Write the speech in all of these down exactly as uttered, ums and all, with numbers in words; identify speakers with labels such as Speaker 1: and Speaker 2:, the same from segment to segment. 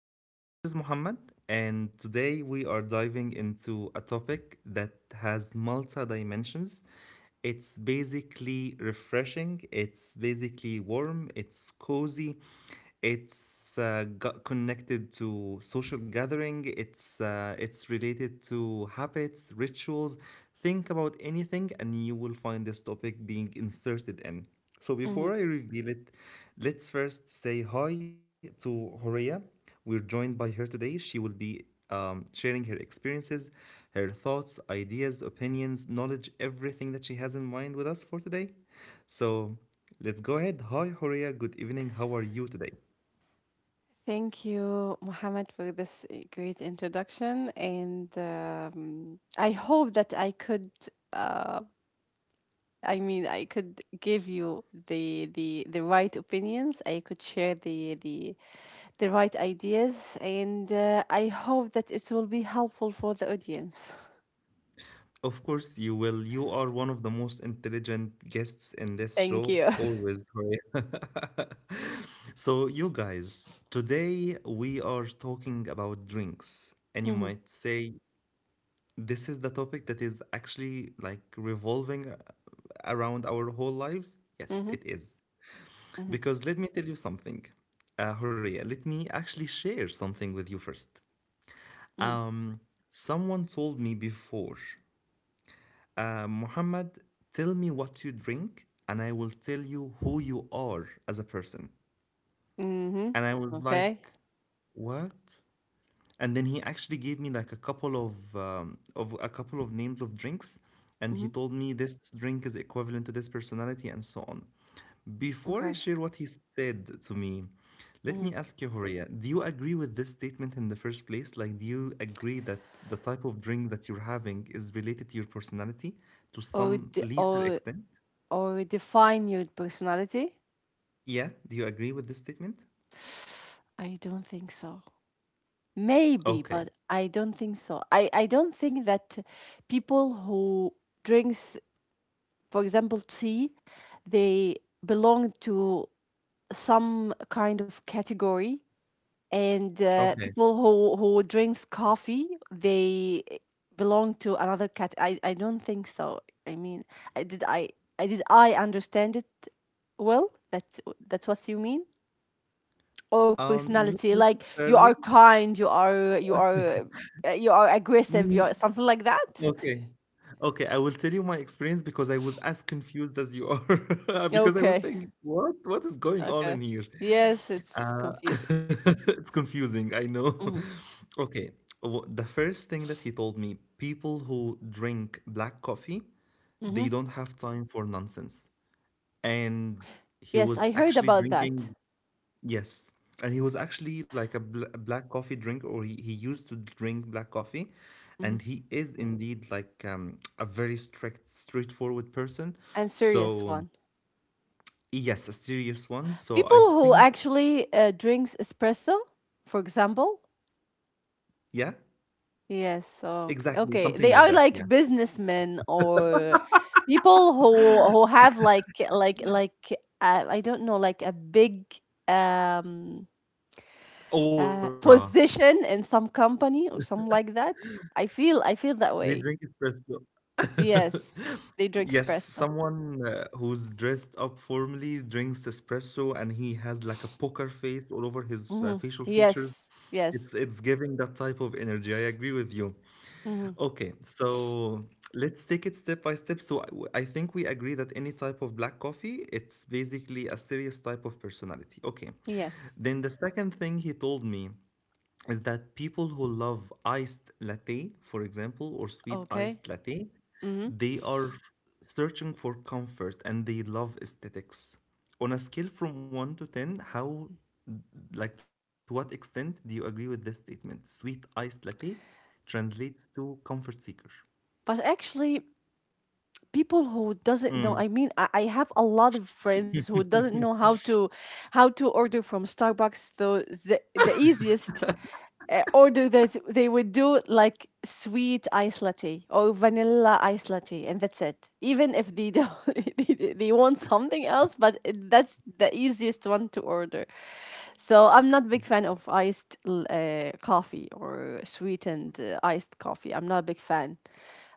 Speaker 1: Um, this is Muhammad, and today we are diving into a topic that has multi dimensions. It's basically refreshing, it's basically warm, it's cozy, it's uh, got connected to social gathering, it's, uh, it's related to habits, rituals. Think about anything, and you will find this topic being inserted in. So before
Speaker 2: Mhm.
Speaker 1: I reveal it, let's first say hi to Horia. We're joined by her today. She will be um, sharing her experiences, her thoughts, ideas, opinions, knowledge, everything that she has in mind with us for today. So let's go ahead. Hi, Horia. Good evening. How are you today?
Speaker 2: Thank you, Mohammed, for this uh, great introduction. And um, I hope that I could, uh, I mean, I could give you the the the right opinions. I could share the the the right ideas, and uh, I hope that it will be helpful for the audience.
Speaker 1: Of course, you will. You are one of the most intelligent guests in this
Speaker 2: Thank
Speaker 1: show,
Speaker 2: you.
Speaker 1: always, Horia. So, you guys, today we are talking about drinks. And you
Speaker 2: Mhm.
Speaker 1: might say, this is the topic that is actually like revolving around our whole lives? Yes,
Speaker 2: Mhm.
Speaker 1: it is.
Speaker 2: Mhm.
Speaker 1: Because let me tell you something, uh, Horia, let me actually share something with you first.
Speaker 2: Mhm.
Speaker 1: Um, someone told me before, uh, Muhammad, tell me what you drink, and I will tell you who you are as a person.
Speaker 2: Mhm.
Speaker 1: And I was like,
Speaker 2: Okay.
Speaker 1: what? And then he actually gave me like a couple of um, of a couple of names of drinks, and he
Speaker 2: Mhm.
Speaker 1: told me this drink is equivalent to this personality and so on. Before I
Speaker 2: Okay.
Speaker 1: share what he said to me, let me
Speaker 2: Mhm.
Speaker 1: ask you, Horia, do you agree with this statement in the first place? Like, do you agree that the type of drink that you're having is related to your personality to
Speaker 2: Or
Speaker 1: some
Speaker 2: de-
Speaker 1: lesser
Speaker 2: or
Speaker 1: extent?
Speaker 2: or define your personality.
Speaker 1: Yeah, do you agree with this statement?
Speaker 2: I don't think so. Maybe,
Speaker 1: Okay.
Speaker 2: but I don't think so. I, I don't think that people who drinks, for example, tea, they belong to some kind of category, and uh,
Speaker 1: Okay.
Speaker 2: people who who drinks coffee, they belong to another cat. I, I don't think so. I mean, I did I I did I understand it well? That that's what you mean? Or
Speaker 1: um not
Speaker 2: personality, like, you
Speaker 1: necessarily.
Speaker 2: are kind, you are you are uh, you are aggressive, you
Speaker 1: Mm,
Speaker 2: are something like that.
Speaker 1: okay. Okay, I will tell you my experience because I was as confused as you are, because I was
Speaker 2: Okay.
Speaker 1: thinking, what what is going on
Speaker 2: Okay.
Speaker 1: in here?
Speaker 2: Yes, it's
Speaker 1: Uh,
Speaker 2: confusing.
Speaker 1: it's confusing, I know.
Speaker 2: Hmm.
Speaker 1: Okay, wh- the first thing that he told me, people who drink black coffee, they
Speaker 2: Hmm.
Speaker 1: don't have time for nonsense. And he
Speaker 2: Yes,
Speaker 1: was
Speaker 2: I heard
Speaker 1: actually
Speaker 2: about that.
Speaker 1: drinking. Yes. And he was actually like a, bl- a black coffee drinker, or he, he used to drink black coffee.
Speaker 2: Hmm.
Speaker 1: And he is indeed like um, a very strict, straightforward person.
Speaker 2: And serious
Speaker 1: So,
Speaker 2: one.
Speaker 1: yes, a serious one. So, I
Speaker 2: People who
Speaker 1: think,
Speaker 2: actually uh, drinks espresso, for example.
Speaker 1: yeah,
Speaker 2: Yes, so
Speaker 1: exactly,
Speaker 2: okay,
Speaker 1: something
Speaker 2: they
Speaker 1: like
Speaker 2: are
Speaker 1: that. Yeah.
Speaker 2: like businessmen, or people who who have like like like uh, I don't know, like a big, um uh,
Speaker 1: Aura.
Speaker 2: position in some company or something like that. I feel I feel that
Speaker 1: They
Speaker 2: way.
Speaker 1: drink espresso.
Speaker 2: Yes, they drink
Speaker 1: Yes,
Speaker 2: espresso.
Speaker 1: someone uh, who's dressed up formally drinks espresso and he has like a poker face all over his uh,
Speaker 2: Hmm.
Speaker 1: facial features.
Speaker 2: Yes,
Speaker 1: It's
Speaker 2: yes.
Speaker 1: it's giving that type of energy. I agree with you.
Speaker 2: Hmm.
Speaker 1: Okay, so let's take it step by step. So I I think we agree that any type of black coffee, it's basically a serious type of personality. Okay.
Speaker 2: Yes.
Speaker 1: Then the second thing he told me is that people who love iced latte, for example, or sweet
Speaker 2: Okay.
Speaker 1: iced latte,
Speaker 2: Hmm.
Speaker 1: they are f- searching for comfort and they love aesthetics. On a scale from one to ten, how like to what extent do you agree with this statement? Sweet iced latte translates to comfort seeker.
Speaker 2: But actually, people who doesn't know, I mean,
Speaker 1: Mm,
Speaker 2: I, I have a lot of friends who doesn't know how to how to order from Starbucks, though the, the easiest uh, order that they would do, like sweet ice latte or vanilla ice latte, and that's it. Even if they don't they, they want something else, but it- that's the easiest one to order. So I'm not a big fan of iced l- uh, coffee or sweetened uh, iced coffee. I'm not a big fan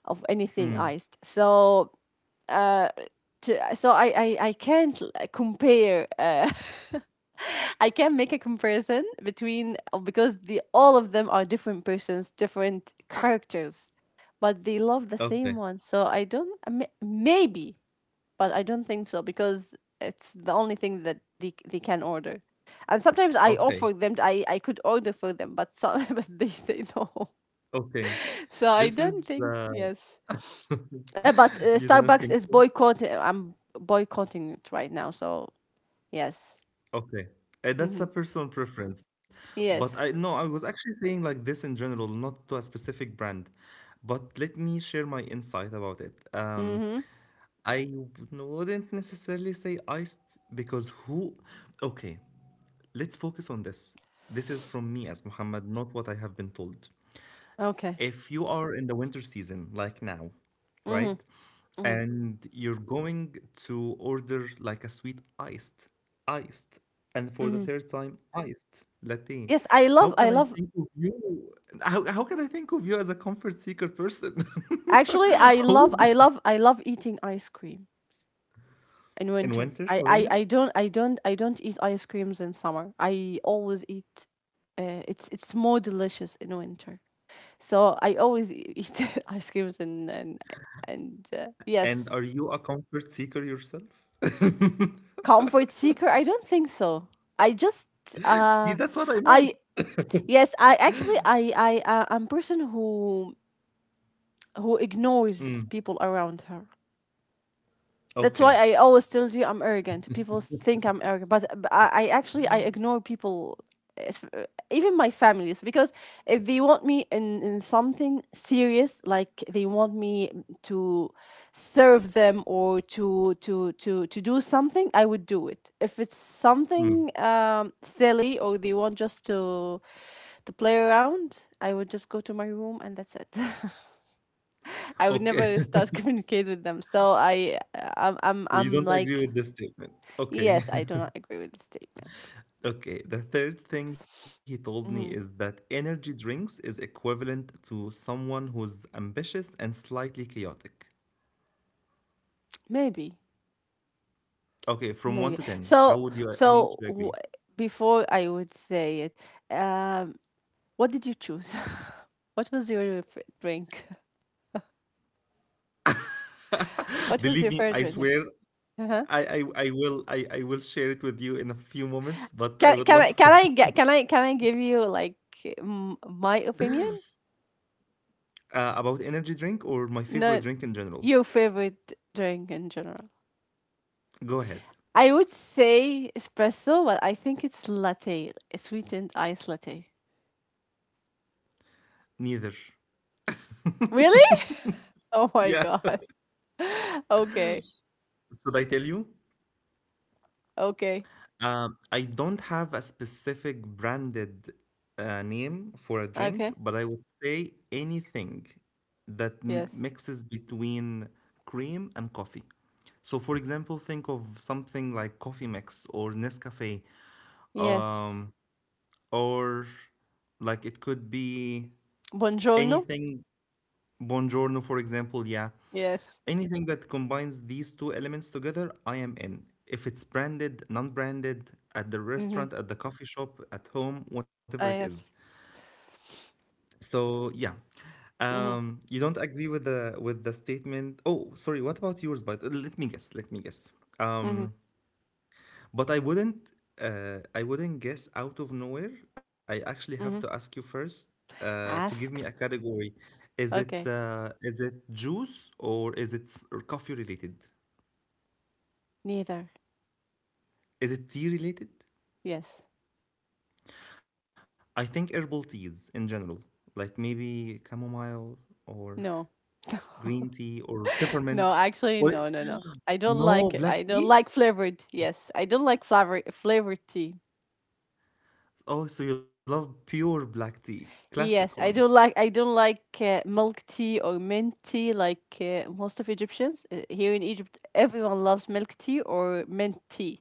Speaker 2: of anything iced.
Speaker 1: mm.
Speaker 2: So, to, so I, I I can't l- compare. Uh, I can't make a comparison between, uh, because the all of them are different persons, different characters, but they love the same one.
Speaker 1: Okay,
Speaker 2: So I don't, I may- maybe, but I don't think so, because it's the only thing that they they can order. And sometimes I offer
Speaker 1: okay,
Speaker 2: them. I I could order for them, but some but they say no.
Speaker 1: okay.
Speaker 2: So I
Speaker 1: This is
Speaker 2: don't think.
Speaker 1: uh,
Speaker 2: Yes. Uh, but uh,
Speaker 1: you don't
Speaker 2: Starbucks
Speaker 1: think
Speaker 2: is
Speaker 1: so?
Speaker 2: boycotting. I'm boycotting it right now. So yes.
Speaker 1: Okay. Uh,
Speaker 2: Mm-hmm.
Speaker 1: that's a personal preference, but I
Speaker 2: Yes.
Speaker 1: no, I was actually saying like this in general, not to a specific brand. But let me share my insight about it. Um,
Speaker 2: Mm-hmm.
Speaker 1: I wouldn't necessarily say iced because who? Okay, let's focus on this. This is from me as Muhammad, not what I have been told.
Speaker 2: Okay.
Speaker 1: If you are in the winter season, like now,
Speaker 2: Mm-hmm.
Speaker 1: right?
Speaker 2: Mm-hmm.
Speaker 1: And you're going to order like a sweet iced, iced, and for the
Speaker 2: Mm-hmm.
Speaker 1: third time, iced latte.
Speaker 2: Yes, I
Speaker 1: How
Speaker 2: love. I
Speaker 1: can I
Speaker 2: love.
Speaker 1: think of you? How, how can I think of you as a comfort seeker person?
Speaker 2: Actually, I love.
Speaker 1: Who
Speaker 2: I
Speaker 1: would-
Speaker 2: love. I love eating ice cream in
Speaker 1: in
Speaker 2: winter.
Speaker 1: winter,
Speaker 2: I. I.
Speaker 1: Horia?
Speaker 2: I don't. I don't. I don't eat ice creams in summer. I always eat. Uh, it's. It's more delicious in winter. So I always e- eat ice creams and and and uh,
Speaker 1: And are
Speaker 2: yes.
Speaker 1: you a comfort seeker yourself?
Speaker 2: Comfort seeker? I don't think so. I just
Speaker 1: See,
Speaker 2: uh
Speaker 1: that's what I meant.
Speaker 2: I yes. I actually I I uh, I'm person who who ignores
Speaker 1: Mm.
Speaker 2: people around her. That's why
Speaker 1: Okay.
Speaker 2: I always tell you I'm arrogant. People think I'm arrogant, but but I, I actually I ignore people, es- even my families, because if they want me in, in something serious, like they want me to serve them or to to to to do something, I would do it. If it's
Speaker 1: Mm.
Speaker 2: something um, silly, or they want just to to play around, I would just go to my room, and that's it. I would
Speaker 1: Okay.
Speaker 2: never start communicate with them. So I I'm I'm
Speaker 1: You
Speaker 2: I'm
Speaker 1: don't agree
Speaker 2: like.
Speaker 1: with this statement. Okay.
Speaker 2: Yes, I do not agree with the statement.
Speaker 1: Okay. The third thing he told me is
Speaker 2: Mhm.
Speaker 1: that energy drinks is equivalent to someone who's ambitious and slightly chaotic.
Speaker 2: Maybe,
Speaker 1: Okay, from one
Speaker 2: maybe.
Speaker 1: to ten, how
Speaker 2: So,
Speaker 1: would you how much
Speaker 2: so
Speaker 1: do you
Speaker 2: w-
Speaker 1: agree?
Speaker 2: before I would say it, um, what did you choose? What was your f- drink? What
Speaker 1: Believe me,
Speaker 2: was your
Speaker 1: I
Speaker 2: favorite
Speaker 1: swear
Speaker 2: drink? Uh-huh.
Speaker 1: I, I, I will I, I will share it with you in a few moments, but I
Speaker 2: Can
Speaker 1: would
Speaker 2: can I
Speaker 1: love
Speaker 2: can I get can I can I give you like m- my opinion?
Speaker 1: uh, about energy drink or my favorite drink
Speaker 2: No,
Speaker 1: in general.
Speaker 2: your favorite drink in general.
Speaker 1: Go ahead.
Speaker 2: I would say espresso, but I think it's latte, sweetened iced latte.
Speaker 1: Neither.
Speaker 2: Really? Oh
Speaker 1: Yeah.
Speaker 2: my god. Okay.
Speaker 1: Should I tell you?
Speaker 2: Okay.
Speaker 1: Um, I don't have a specific branded uh, name for a drink,
Speaker 2: Okay.
Speaker 1: but I would say anything that m-
Speaker 2: Yes.
Speaker 1: mixes between cream and coffee. So, for example, think of something like Coffee Mix or Nescafe,
Speaker 2: Yes.
Speaker 1: um, or like it could be
Speaker 2: Buongiorno.
Speaker 1: anything. Buongiorno, for example, yeah.
Speaker 2: Yes.
Speaker 1: Anything that combines these two elements together, I am in. If it's branded, non branded, at the
Speaker 2: Mm-hmm.
Speaker 1: restaurant, at the coffee shop, at home, whatever it
Speaker 2: Ah,
Speaker 1: is.
Speaker 2: yes.
Speaker 1: So, yeah.
Speaker 2: Mm-hmm.
Speaker 1: Um, you don't agree with the with the statement. Oh, sorry. What about yours? But let me guess. Let me guess.
Speaker 2: Mm-hmm.
Speaker 1: Um, but I wouldn't uh, I wouldn't guess out of nowhere. I actually have to
Speaker 2: Mm-hmm.
Speaker 1: ask you first uh, to give me a
Speaker 2: Ask.
Speaker 1: category. Is it
Speaker 2: Okay.
Speaker 1: uh, is it juice or is it s- or coffee related?
Speaker 2: Neither.
Speaker 1: Is it tea related?
Speaker 2: Yes.
Speaker 1: I think herbal teas in general, like maybe chamomile or
Speaker 2: No.
Speaker 1: green tea or
Speaker 2: No,
Speaker 1: peppermint
Speaker 2: actually, no,
Speaker 1: or
Speaker 2: no, no. I don't like it. I
Speaker 1: no
Speaker 2: don't
Speaker 1: black
Speaker 2: like
Speaker 1: tea.
Speaker 2: flavored. Yes. I don't like flavor flavored tea.
Speaker 1: Oh, so you love pure black tea, classic
Speaker 2: Yes, I
Speaker 1: one.
Speaker 2: don't like I don't like uh, milk tea or mint tea, like uh, most of Egyptians. Uh, here in Egypt, everyone loves milk tea or mint tea.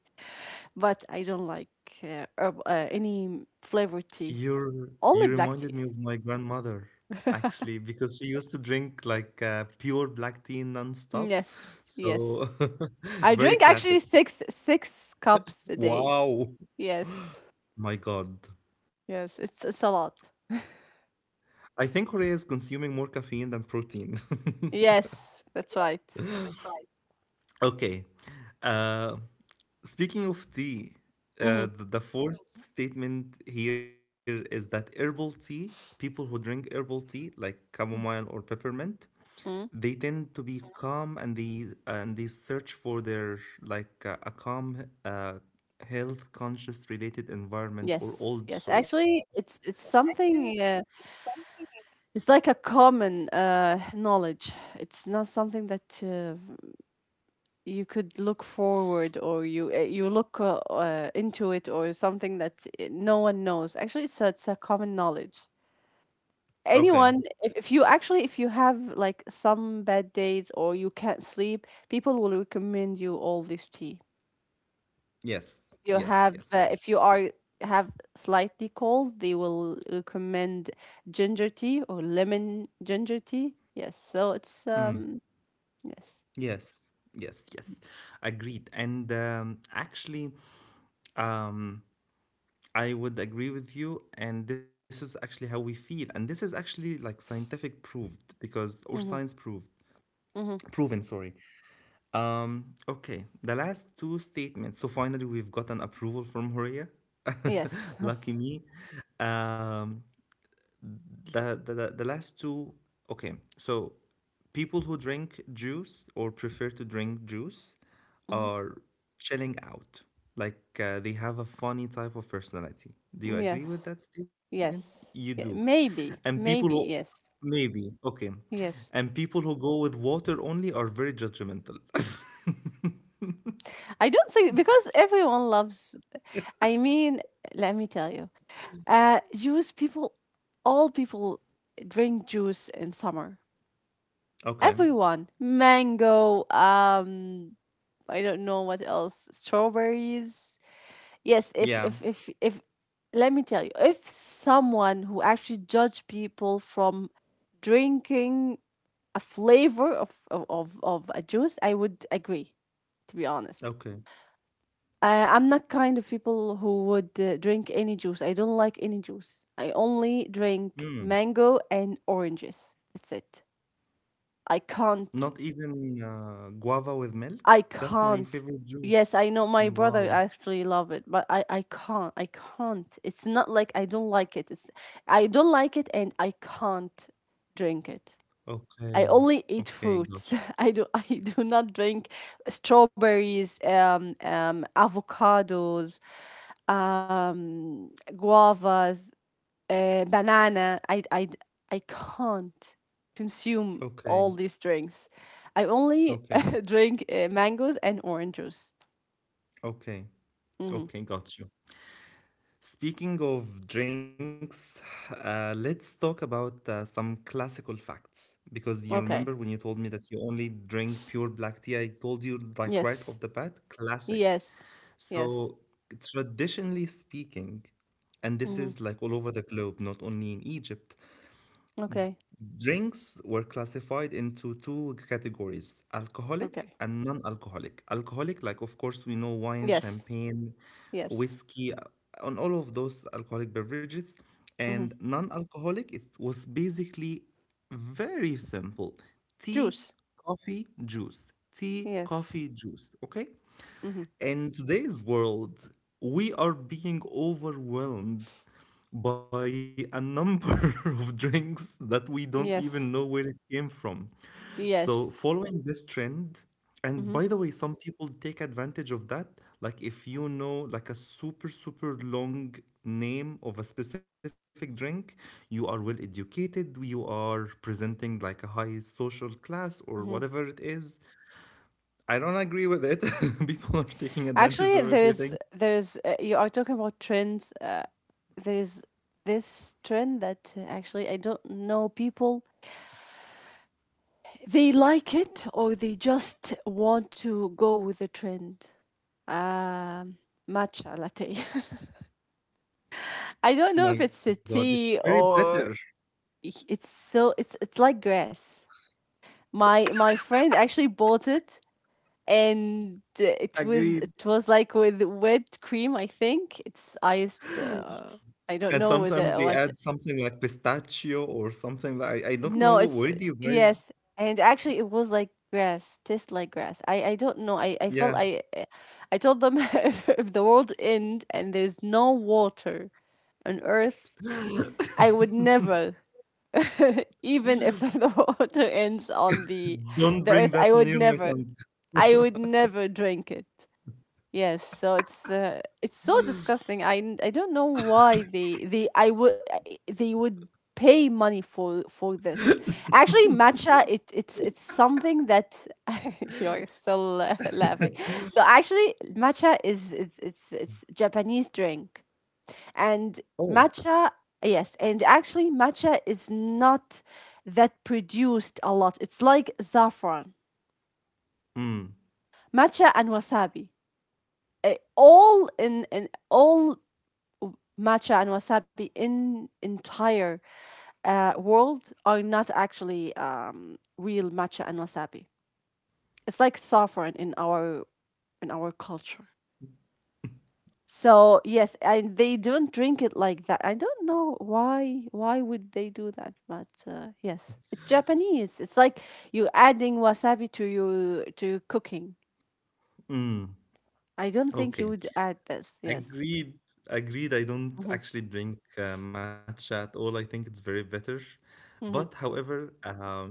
Speaker 2: But I don't like uh, herb- uh, any flavored tea,
Speaker 1: You're you
Speaker 2: only black tea.
Speaker 1: reminded me of my grandmother actually because she used to drink like uh, pure black tea nonstop.
Speaker 2: Yes,
Speaker 1: So
Speaker 2: yes. I
Speaker 1: very
Speaker 2: drink actually
Speaker 1: classic.
Speaker 2: six six cups a day.
Speaker 1: Wow.
Speaker 2: Yes,
Speaker 1: My God.
Speaker 2: yes. It's it's a lot.
Speaker 1: I think Korea is consuming more caffeine than protein.
Speaker 2: Yes, that's right.
Speaker 1: Okay. Uh, speaking of tea,
Speaker 2: Hmm.
Speaker 1: uh, the, the fourth statement here is that herbal tea, people who drink herbal tea like chamomile or peppermint,
Speaker 2: Hmm.
Speaker 1: they tend to be calm and they and they search for their like uh, a calm uh, health conscious related environment or
Speaker 2: Yes,
Speaker 1: old
Speaker 2: yes.
Speaker 1: soul.
Speaker 2: Actually, it's it's something. Uh, it's like a common uh, knowledge. It's not something that uh, you could look forward, or you uh, you look uh, uh, into it, or something that uh, no one knows. Actually, it's a, it's a common knowledge.
Speaker 1: Okay.
Speaker 2: Anyone, if, if you actually, if you have like some bad days, or you can't sleep, people will recommend you all this tea.
Speaker 1: Yes,
Speaker 2: if you
Speaker 1: yes,
Speaker 2: have
Speaker 1: yes,
Speaker 2: uh,
Speaker 1: yes.
Speaker 2: if you are have slightly cold, they will recommend ginger tea or lemon ginger tea. Yes, so it's,
Speaker 1: Mm.
Speaker 2: um yes.
Speaker 1: Yes, yes, yes, agreed. And um, actually, um, I would agree with you, and this is actually how we feel, and this is actually like scientific proved, because or
Speaker 2: Mm-hmm,
Speaker 1: science proved,
Speaker 2: mm-hmm.
Speaker 1: proven, sorry. Um, okay, the last two statements. So finally, we've gotten approval from Horia.
Speaker 2: Yes.
Speaker 1: Lucky me. Um, the, the, the the last two. Okay, so people who drink juice or prefer to drink juice
Speaker 2: Hmm.
Speaker 1: are chilling out. Like uh, they have a funny type of personality. Do you agree with
Speaker 2: Yes.
Speaker 1: that statement? You
Speaker 2: Yes.
Speaker 1: do.
Speaker 2: Yeah, maybe.
Speaker 1: And people
Speaker 2: Maybe.
Speaker 1: who
Speaker 2: Yes.
Speaker 1: maybe okay,
Speaker 2: Yes.
Speaker 1: and people who go with water only are very judgmental.
Speaker 2: I don't think, because everyone loves, I mean, let me tell you. Uh juice people all people drink juice in summer.
Speaker 1: Okay.
Speaker 2: Everyone. Mango, um I don't know what else. Strawberries. Yes, if if
Speaker 1: Yeah.
Speaker 2: if if let me tell you, if someone who actually judge people from drinking a flavor of of, of, of a juice, I would agree, to be honest.
Speaker 1: Okay.
Speaker 2: Uh, I'm not kind of people who would uh, drink any juice. I don't like any juice. I only drink
Speaker 1: Mm.
Speaker 2: mango and oranges. That's it. I can't.
Speaker 1: Not even uh, guava with milk?
Speaker 2: I
Speaker 1: That's my
Speaker 2: can't.
Speaker 1: favorite juice.
Speaker 2: Yes, I know my brother
Speaker 1: Wow.
Speaker 2: actually love it, but I I can't. I can't. It's not like I don't like it. It's, I don't like it and I can't drink it.
Speaker 1: Okay.
Speaker 2: I only
Speaker 1: Okay,
Speaker 2: eat
Speaker 1: got
Speaker 2: fruits. I do I do not drink strawberries, um, um, avocados, um, guavas, uh, banana. I, I I can't
Speaker 1: you.
Speaker 2: consume
Speaker 1: Okay.
Speaker 2: all these drinks. I only
Speaker 1: Okay.
Speaker 2: drink uh, mangoes and orange oranges.
Speaker 1: Okay.
Speaker 2: Hmm.
Speaker 1: Okay, got you. Speaking of drinks, uh, let's talk about uh, some classical facts. Because you remember when you
Speaker 2: Okay.
Speaker 1: told me that you only drink pure black tea, I told you like right off the
Speaker 2: Yes.
Speaker 1: bat, classic.
Speaker 2: Yes.
Speaker 1: So,
Speaker 2: Yes.
Speaker 1: traditionally speaking, and this is
Speaker 2: Hmm.
Speaker 1: like all over the globe, not only in Egypt,
Speaker 2: Okay.
Speaker 1: drinks were classified into two categories:
Speaker 2: Okay.
Speaker 1: alcoholic and non alcoholic. Alcoholic, like of course, we know wine,
Speaker 2: Yes.
Speaker 1: champagne,
Speaker 2: Yes.
Speaker 1: whiskey, uh, and all of those alcoholic beverages.
Speaker 2: Hmm.
Speaker 1: And non alcoholic, it was basically very simple: tea,
Speaker 2: Juice.
Speaker 1: coffee, juice. Tea,
Speaker 2: Yes.
Speaker 1: coffee, juice. Okay?
Speaker 2: Hmm.
Speaker 1: In today's world, we are being overwhelmed by a number of drinks that we don't
Speaker 2: Yes.
Speaker 1: even know where it came from.
Speaker 2: Yes.
Speaker 1: So, following this trend,
Speaker 2: Hmm.
Speaker 1: and by the way, some people take advantage of that. Like, if you know, like, a super, super long name of a specific drink, you are well educated, you are presenting like a high social class or
Speaker 2: Hmm.
Speaker 1: whatever it is, I don't agree with it. People are taking
Speaker 2: Actually,
Speaker 1: advantage of
Speaker 2: there's
Speaker 1: everything.
Speaker 2: there's uh, you are talking about trends. Uh, there's this trend that uh, actually I don't know people. They like it, or they just want to go with the trend. Um, matcha latte. I don't know if
Speaker 1: My
Speaker 2: it's a
Speaker 1: God, it's very
Speaker 2: tea,
Speaker 1: bitter.
Speaker 2: or it's so it's it's like grass. My my friend actually bought it, and it was
Speaker 1: Agreed.
Speaker 2: it was like with whipped cream. I think it's iced, uh, I don't
Speaker 1: And
Speaker 2: know
Speaker 1: sometimes
Speaker 2: whether
Speaker 1: they
Speaker 2: what.
Speaker 1: add something like pistachio or something like I don't know
Speaker 2: No
Speaker 1: what
Speaker 2: it's
Speaker 1: word you guys.
Speaker 2: Yes, and actually it was like grass, tastes like grass. I i don't know, i i felt
Speaker 1: Yeah,
Speaker 2: i i I told them if, if the world end and there's no water on earth, I would never even if the water ends on the
Speaker 1: don't
Speaker 2: the earth,
Speaker 1: bring
Speaker 2: i
Speaker 1: that
Speaker 2: would
Speaker 1: near my
Speaker 2: never
Speaker 1: tongue.
Speaker 2: I would never drink it. Yes, so it's uh, it's so disgusting. I n- I don't know why they they I would they would pay money for for this. Actually, matcha, it it's it's something that you're still uh, laughing. So actually, matcha is it's it's it's Japanese drink, and
Speaker 1: Oh,
Speaker 2: matcha yes, and actually matcha is not that produced a lot. It's like saffron,
Speaker 1: mm,
Speaker 2: matcha and wasabi. uh, All in, in all matcha and wasabi in entire uh, world are not actually um, real matcha and wasabi. It's like saffron in our in our culture. So yes, and they don't drink it like that. I don't know why. Why would they do that? But uh, yes, it's Japanese. It's like you adding wasabi to your to cooking.
Speaker 1: mm.
Speaker 2: I don't think you
Speaker 1: Okay.
Speaker 2: would add this. Yes.
Speaker 1: Agreed, agreed. I don't
Speaker 2: Mhm.
Speaker 1: actually drink uh, matcha at all. I think it's very bitter. But
Speaker 2: Mhm.
Speaker 1: however, um,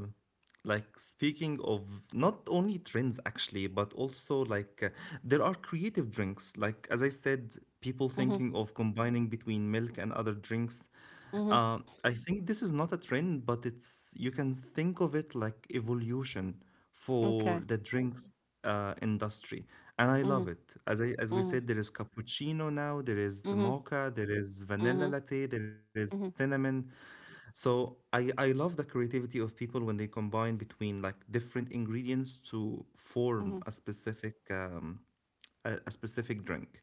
Speaker 1: like speaking of not only trends actually, but also like uh, there are creative drinks. Like as I said, people
Speaker 2: Mhm.
Speaker 1: thinking of combining between milk and other drinks.
Speaker 2: Mhm.
Speaker 1: Uh, I think this is not a trend, but it's you can think of it like evolution for
Speaker 2: Okay.
Speaker 1: the drinks uh, industry, and I love
Speaker 2: Mhm.
Speaker 1: it. As I as we
Speaker 2: Mhm.
Speaker 1: said, there is cappuccino now, there is
Speaker 2: Mhm.
Speaker 1: mocha, there is vanilla
Speaker 2: Mhm.
Speaker 1: latte, there is
Speaker 2: Mhm.
Speaker 1: cinnamon. So I I love the creativity of people when they combine between like different ingredients to form
Speaker 2: Mhm.
Speaker 1: a specific um, a, a specific drink.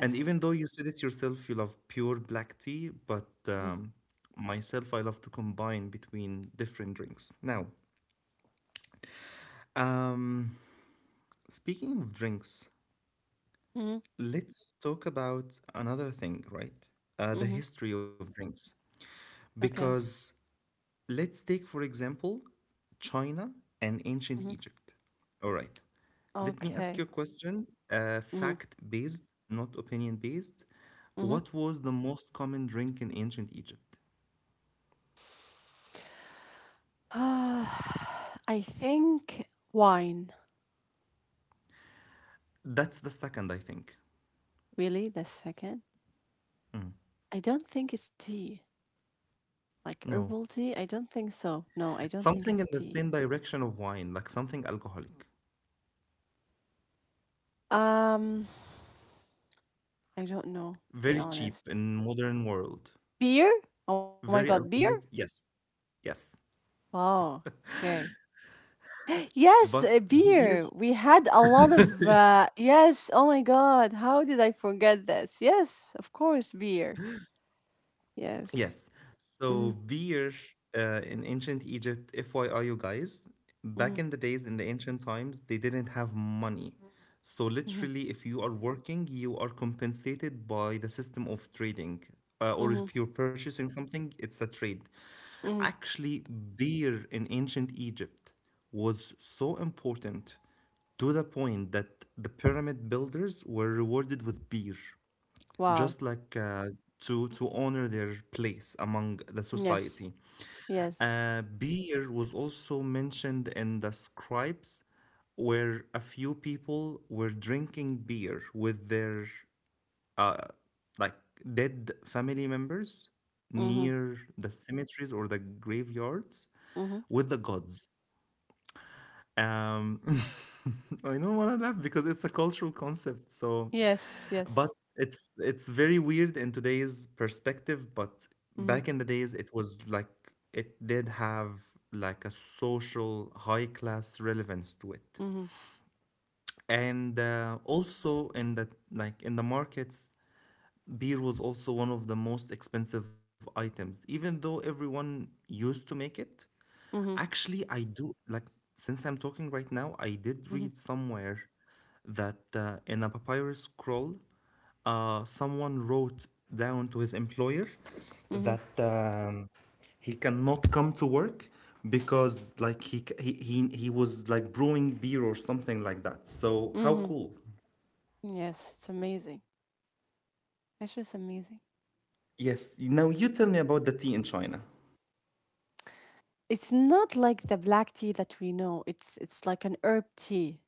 Speaker 1: And even though you said it yourself, you love pure black tea, but
Speaker 2: Mhm.
Speaker 1: um, myself, I love to combine between different drinks. Now, um, speaking of drinks,
Speaker 2: Mhm.
Speaker 1: let's talk about another thing, right? Uh, the,
Speaker 2: Mhm.
Speaker 1: history of drinks.
Speaker 2: Okay.
Speaker 1: Because let's take, for example, China and ancient
Speaker 2: Mhm.
Speaker 1: Egypt. All right. Let me ask you a
Speaker 2: Okay.
Speaker 1: question, uh,
Speaker 2: Mhm.
Speaker 1: fact based, not opinion based.
Speaker 2: Mhm.
Speaker 1: What was the most common drink in ancient Egypt?
Speaker 2: I think wine.
Speaker 1: That's the second, I think.
Speaker 2: Really? That's second?
Speaker 1: Mm,
Speaker 2: I don't think it's tea. Like
Speaker 1: no.
Speaker 2: herbal tea? I don't think so. No, I don't think it's
Speaker 1: Something in
Speaker 2: tea.
Speaker 1: the same direction of wine, like something alcoholic.
Speaker 2: Um, I don't know, to be
Speaker 1: Very
Speaker 2: honest.
Speaker 1: cheap in modern world.
Speaker 2: Beer? Oh my
Speaker 1: Very
Speaker 2: god, beer?
Speaker 1: alcoholic. Yes. Yes.
Speaker 2: Oh, okay.
Speaker 1: But
Speaker 2: Yes, uh,
Speaker 1: beer,
Speaker 2: beer. We had a lot of uh, yes. Oh my god, how did I forget this? Yes, of course, beer. Yes.
Speaker 1: yes. So
Speaker 2: Mhm.
Speaker 1: beer uh, in ancient Egypt, F Y I, you guys, back
Speaker 2: Mhm.
Speaker 1: in the days, in the ancient times, they didn't have money. So
Speaker 2: Mhm.
Speaker 1: literally, if you are working, you are compensated by the system of trading. Uh, or
Speaker 2: Mhm.
Speaker 1: if you're purchasing something, it's a trade.
Speaker 2: Mhm.
Speaker 1: Actually, beer in ancient Egypt was so important to the point that the pyramid builders were rewarded with beer,
Speaker 2: Wow.
Speaker 1: just like uh, to to honor their place among the
Speaker 2: Yes.
Speaker 1: society.
Speaker 2: Yes.
Speaker 1: Uh, beer was also mentioned in the scribes, where a few people were drinking beer with their uh, like dead family members
Speaker 2: Mhm.
Speaker 1: near the cemeteries or the graveyards
Speaker 2: Mhm.
Speaker 1: with the gods. Um, I don't want to laugh because it's a cultural concept, so.
Speaker 2: Yes.
Speaker 1: But
Speaker 2: Yes.
Speaker 1: it's it's very weird in today's perspective, but
Speaker 2: Mhm.
Speaker 1: back in the days it was like it did have like a social high class relevance to it.
Speaker 2: Mhm.
Speaker 1: And uh, also in the like in the markets, beer was also one of the most expensive items, even though everyone used to make it.
Speaker 2: Mhm.
Speaker 1: Actually, I do like, since I'm talking right now, I did
Speaker 2: Mhm.
Speaker 1: read somewhere that uh, in a papyrus scroll, uh, someone wrote down to his employer
Speaker 2: Mhm.
Speaker 1: that um, he cannot come to work because like he, c- he he he was like brewing beer or something like that. So how
Speaker 2: Mhm.
Speaker 1: cool.
Speaker 2: Yes. It's amazing. It's just amazing.
Speaker 1: Yes, now you tell me about the tea in China.
Speaker 2: It's not like the black tea that we know. It's it's like an herb tea,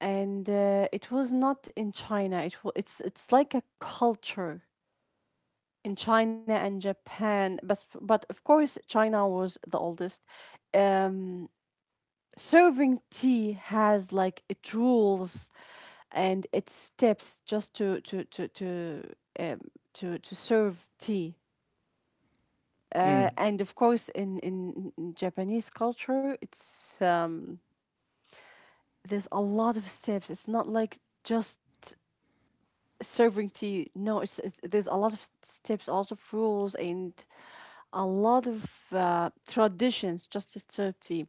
Speaker 2: and uh, it was not in China. It was it's it's like a culture in China and Japan. But but of course, China was the oldest. Um, serving tea has like it rules and its steps, just to to to to um, to to serve tea.
Speaker 1: Mm.
Speaker 2: Uh, and of course, in, in in Japanese culture, it's, um, there's a lot of steps. It's not like just serving tea. No, it's, it's there's a lot of s- steps, a lot of rules, and a lot of uh, traditions just as Turkey.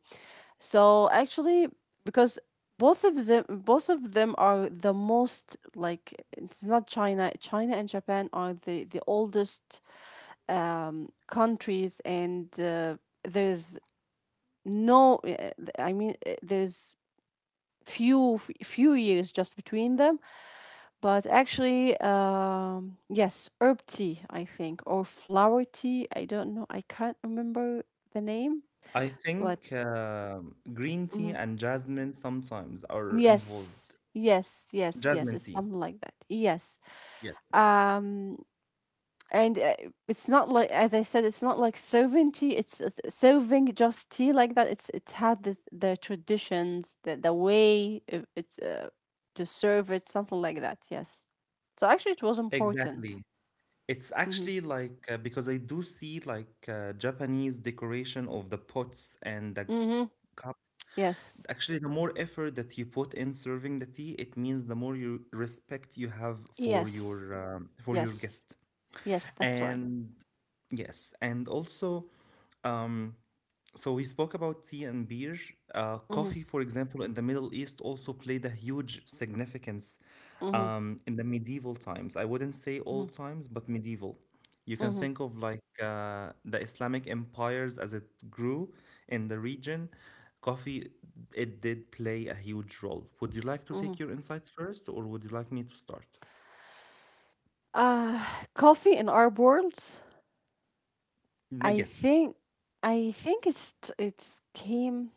Speaker 2: So actually, because both of them, both of them are the most like it's not China. China and Japan are the the oldest um, countries, and uh, there's no. uh, I mean, uh, there's few few years just between them. But actually, um, yes, herb tea, I think, or flower tea. I don't know. I can't remember the name,
Speaker 1: I
Speaker 2: but
Speaker 1: think um green tea
Speaker 2: mhm.
Speaker 1: and jasmine sometimes are
Speaker 2: Yes,
Speaker 1: involved.
Speaker 2: yes, yes, yes.
Speaker 1: Jasmine
Speaker 2: It's
Speaker 1: tea.
Speaker 2: something like that. Yes.
Speaker 1: Yes,
Speaker 2: Um, and uh, it's not like, as I said, it's not like serving tea. It's, it's serving just tea like that. It's it's had the the traditions, the the way uh, it's uh, to serve it, something like that. Yes. So actually, it was important.
Speaker 1: exactly. It's
Speaker 2: Mm-hmm.
Speaker 1: actually like uh, because I do see like uh, Japanese decoration of the pots and the
Speaker 2: Mm-hmm.
Speaker 1: cups.
Speaker 2: Yes.
Speaker 1: Actually, the more effort that you put in serving the tea, it means the more you respect you have for
Speaker 2: Yes,
Speaker 1: your um, for your
Speaker 2: yes,
Speaker 1: guest.
Speaker 2: yes, that's right.
Speaker 1: And yes, and also, um, so we spoke about tea and beer. Uh,
Speaker 2: Mm-hmm,
Speaker 1: coffee, for example, in the Middle East also played a huge significance
Speaker 2: mm-hmm,
Speaker 1: um, in the medieval times. I wouldn't say
Speaker 2: mm-hmm,
Speaker 1: old times, but medieval. You can
Speaker 2: mm-hmm,
Speaker 1: think of like uh, the Islamic empires as it grew in the region. Coffee, it did play a huge role. Would you like to take
Speaker 2: mm-hmm.
Speaker 1: your insights first, or would you like me to start?
Speaker 2: Uh, Coffee in our world,
Speaker 1: N- yes.
Speaker 2: I think, I think it's t- it's came.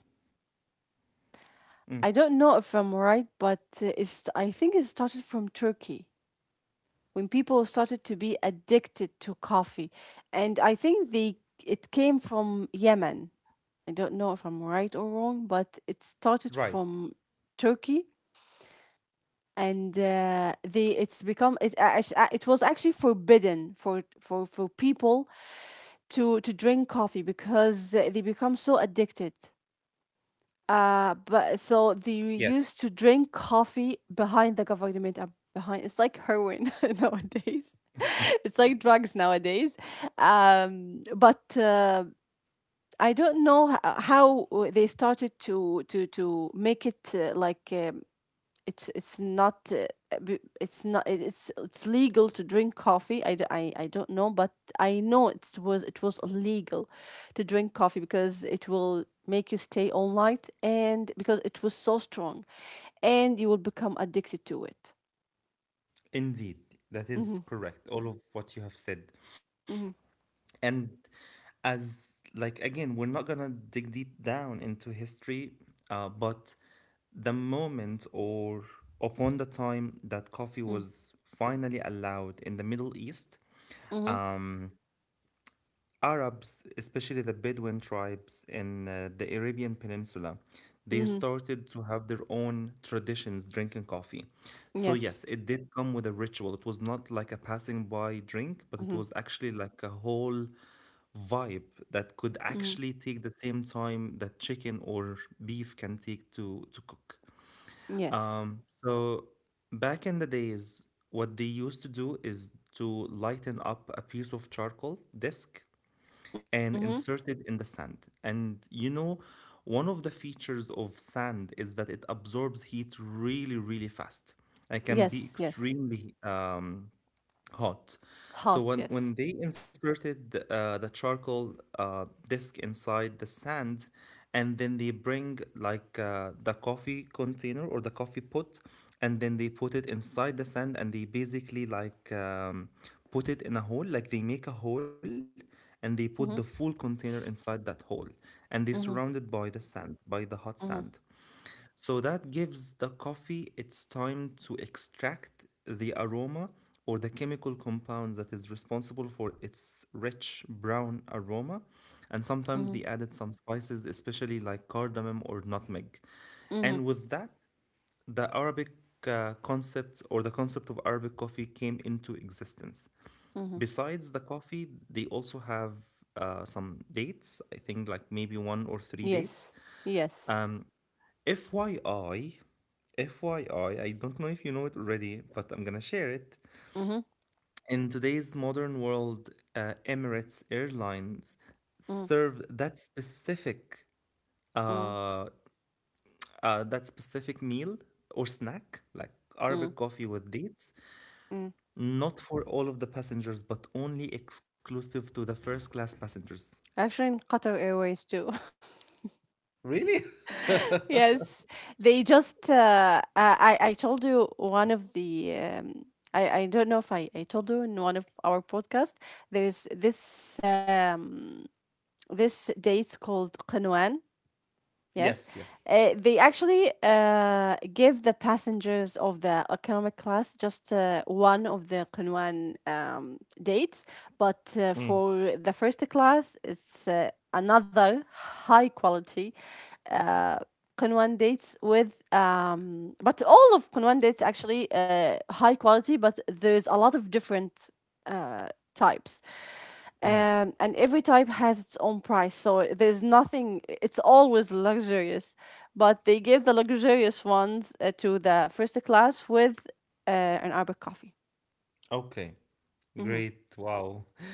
Speaker 1: Mm,
Speaker 2: I don't know if I'm right, but uh, it's I think it started from Turkey when people started to be addicted to coffee, and I think they it came from Yemen. I don't know if I'm right or wrong, but it started
Speaker 1: right.
Speaker 2: from Turkey. And uh, they it's become it, act- uh, it was actually forbidden for for for people to to drink coffee because uh, they become so addicted, uh but so they
Speaker 1: Yes.
Speaker 2: used to drink coffee behind the government. Uh, behind It's like heroin nowadays
Speaker 1: Mm.
Speaker 2: it's like drugs nowadays. Um but uh, I don't know h- how they started to to to make it, uh, like um, it's it's not uh, b- it's not it- it's it's legal to drink coffee. I, d- I, I don't know, but I know it was it was illegal to drink coffee because it will make you stay all night, and because it was so strong and you will become addicted to it.
Speaker 1: Indeed, that
Speaker 2: Mm-hmm,
Speaker 1: is correct. All of what you have said.
Speaker 2: mm-hmm,
Speaker 1: And as like, again, we're not gonna dig deep down into history, uh, but the moment or upon the time that coffee was finally allowed in the Middle East,
Speaker 2: mm-hmm,
Speaker 1: um, Arabs, especially the Bedouin tribes in uh, the Arabian Peninsula, they
Speaker 2: mm-hmm.
Speaker 1: started to have their own traditions drinking coffee. So,
Speaker 2: Yes.
Speaker 1: yes, it did come with a ritual. It was not like a passing by drink, but it
Speaker 2: Mm-hmm,
Speaker 1: was actually like a whole vibe that could
Speaker 2: mm-hmm.
Speaker 1: actually take the same time that chicken or beef can take to, to cook.
Speaker 2: Yes.
Speaker 1: Um, so, back in the days, what they used to do is to lighten up a piece of charcoal disk
Speaker 2: Mm-hmm.
Speaker 1: and inserted in the sand. And you know, one of the features of sand is that it absorbs heat really, really fast and can be
Speaker 2: Yes, yes,
Speaker 1: extremely um, hot. So
Speaker 2: hot,
Speaker 1: when,
Speaker 2: yes.
Speaker 1: when they inserted the, uh, the charcoal uh, disk inside the sand, and then they bring like uh, the coffee container or the coffee pot, and then they put it inside the sand, and they basically like um, put it in a hole, like they make a hole, and they put the full
Speaker 2: Mm-hmm,
Speaker 1: container inside that hole, and they surround
Speaker 2: mm-hmm,
Speaker 1: it by the sand, by the hot sand.
Speaker 2: mm-hmm,
Speaker 1: So that gives the coffee its time to extract the aroma or the chemical compound that is responsible for its rich brown aroma. And
Speaker 2: mm-hmm,
Speaker 1: sometimes they added some spices, especially like cardamom or nutmeg.
Speaker 2: mm-hmm.
Speaker 1: And with that, the Arabic uh, concept or the concept of Arabic coffee came into existence.
Speaker 2: Mm-hmm.
Speaker 1: Besides the coffee, they also have uh, some dates, I think like maybe one or three dates.
Speaker 2: Yes, yes.
Speaker 1: F Y I, F Y I, I don't know if you know it already, but I'm gonna share it.
Speaker 2: Mm-hmm.
Speaker 1: In today's modern world, uh, Emirates Airlines
Speaker 2: Mm,
Speaker 1: serve that specific
Speaker 2: mm,
Speaker 1: uh, uh, that specific meal or snack, like Arabic
Speaker 2: mm,
Speaker 1: coffee with dates,
Speaker 2: mm.
Speaker 1: not for all of the passengers, but only exclusive to the first class passengers.
Speaker 2: Actually, in Qatar Airways too.
Speaker 1: Really?
Speaker 2: Yes, they just. Uh, I I I told you one of the. Um, I I don't know if I I told you in one of our podcast. There's this um this date called Qinwan. Yes,
Speaker 1: Yes, yes.
Speaker 2: uh, they actually uh, give the passengers of the economic class just uh, one of the Qunwan um, dates, but uh,
Speaker 1: Mm,
Speaker 2: for the first class, it's uh, another high quality uh, Qunwan dates with, um, but all of Qunwan dates actually uh, high quality, but there's a lot of different uh, types.
Speaker 1: mm.
Speaker 2: Um, and every type has its own price, so there's nothing, it's always luxurious. But they give the luxurious ones uh, to the first class with uh, an Arabic coffee.
Speaker 1: Okay,
Speaker 2: Mm-hmm.
Speaker 1: great. Wow.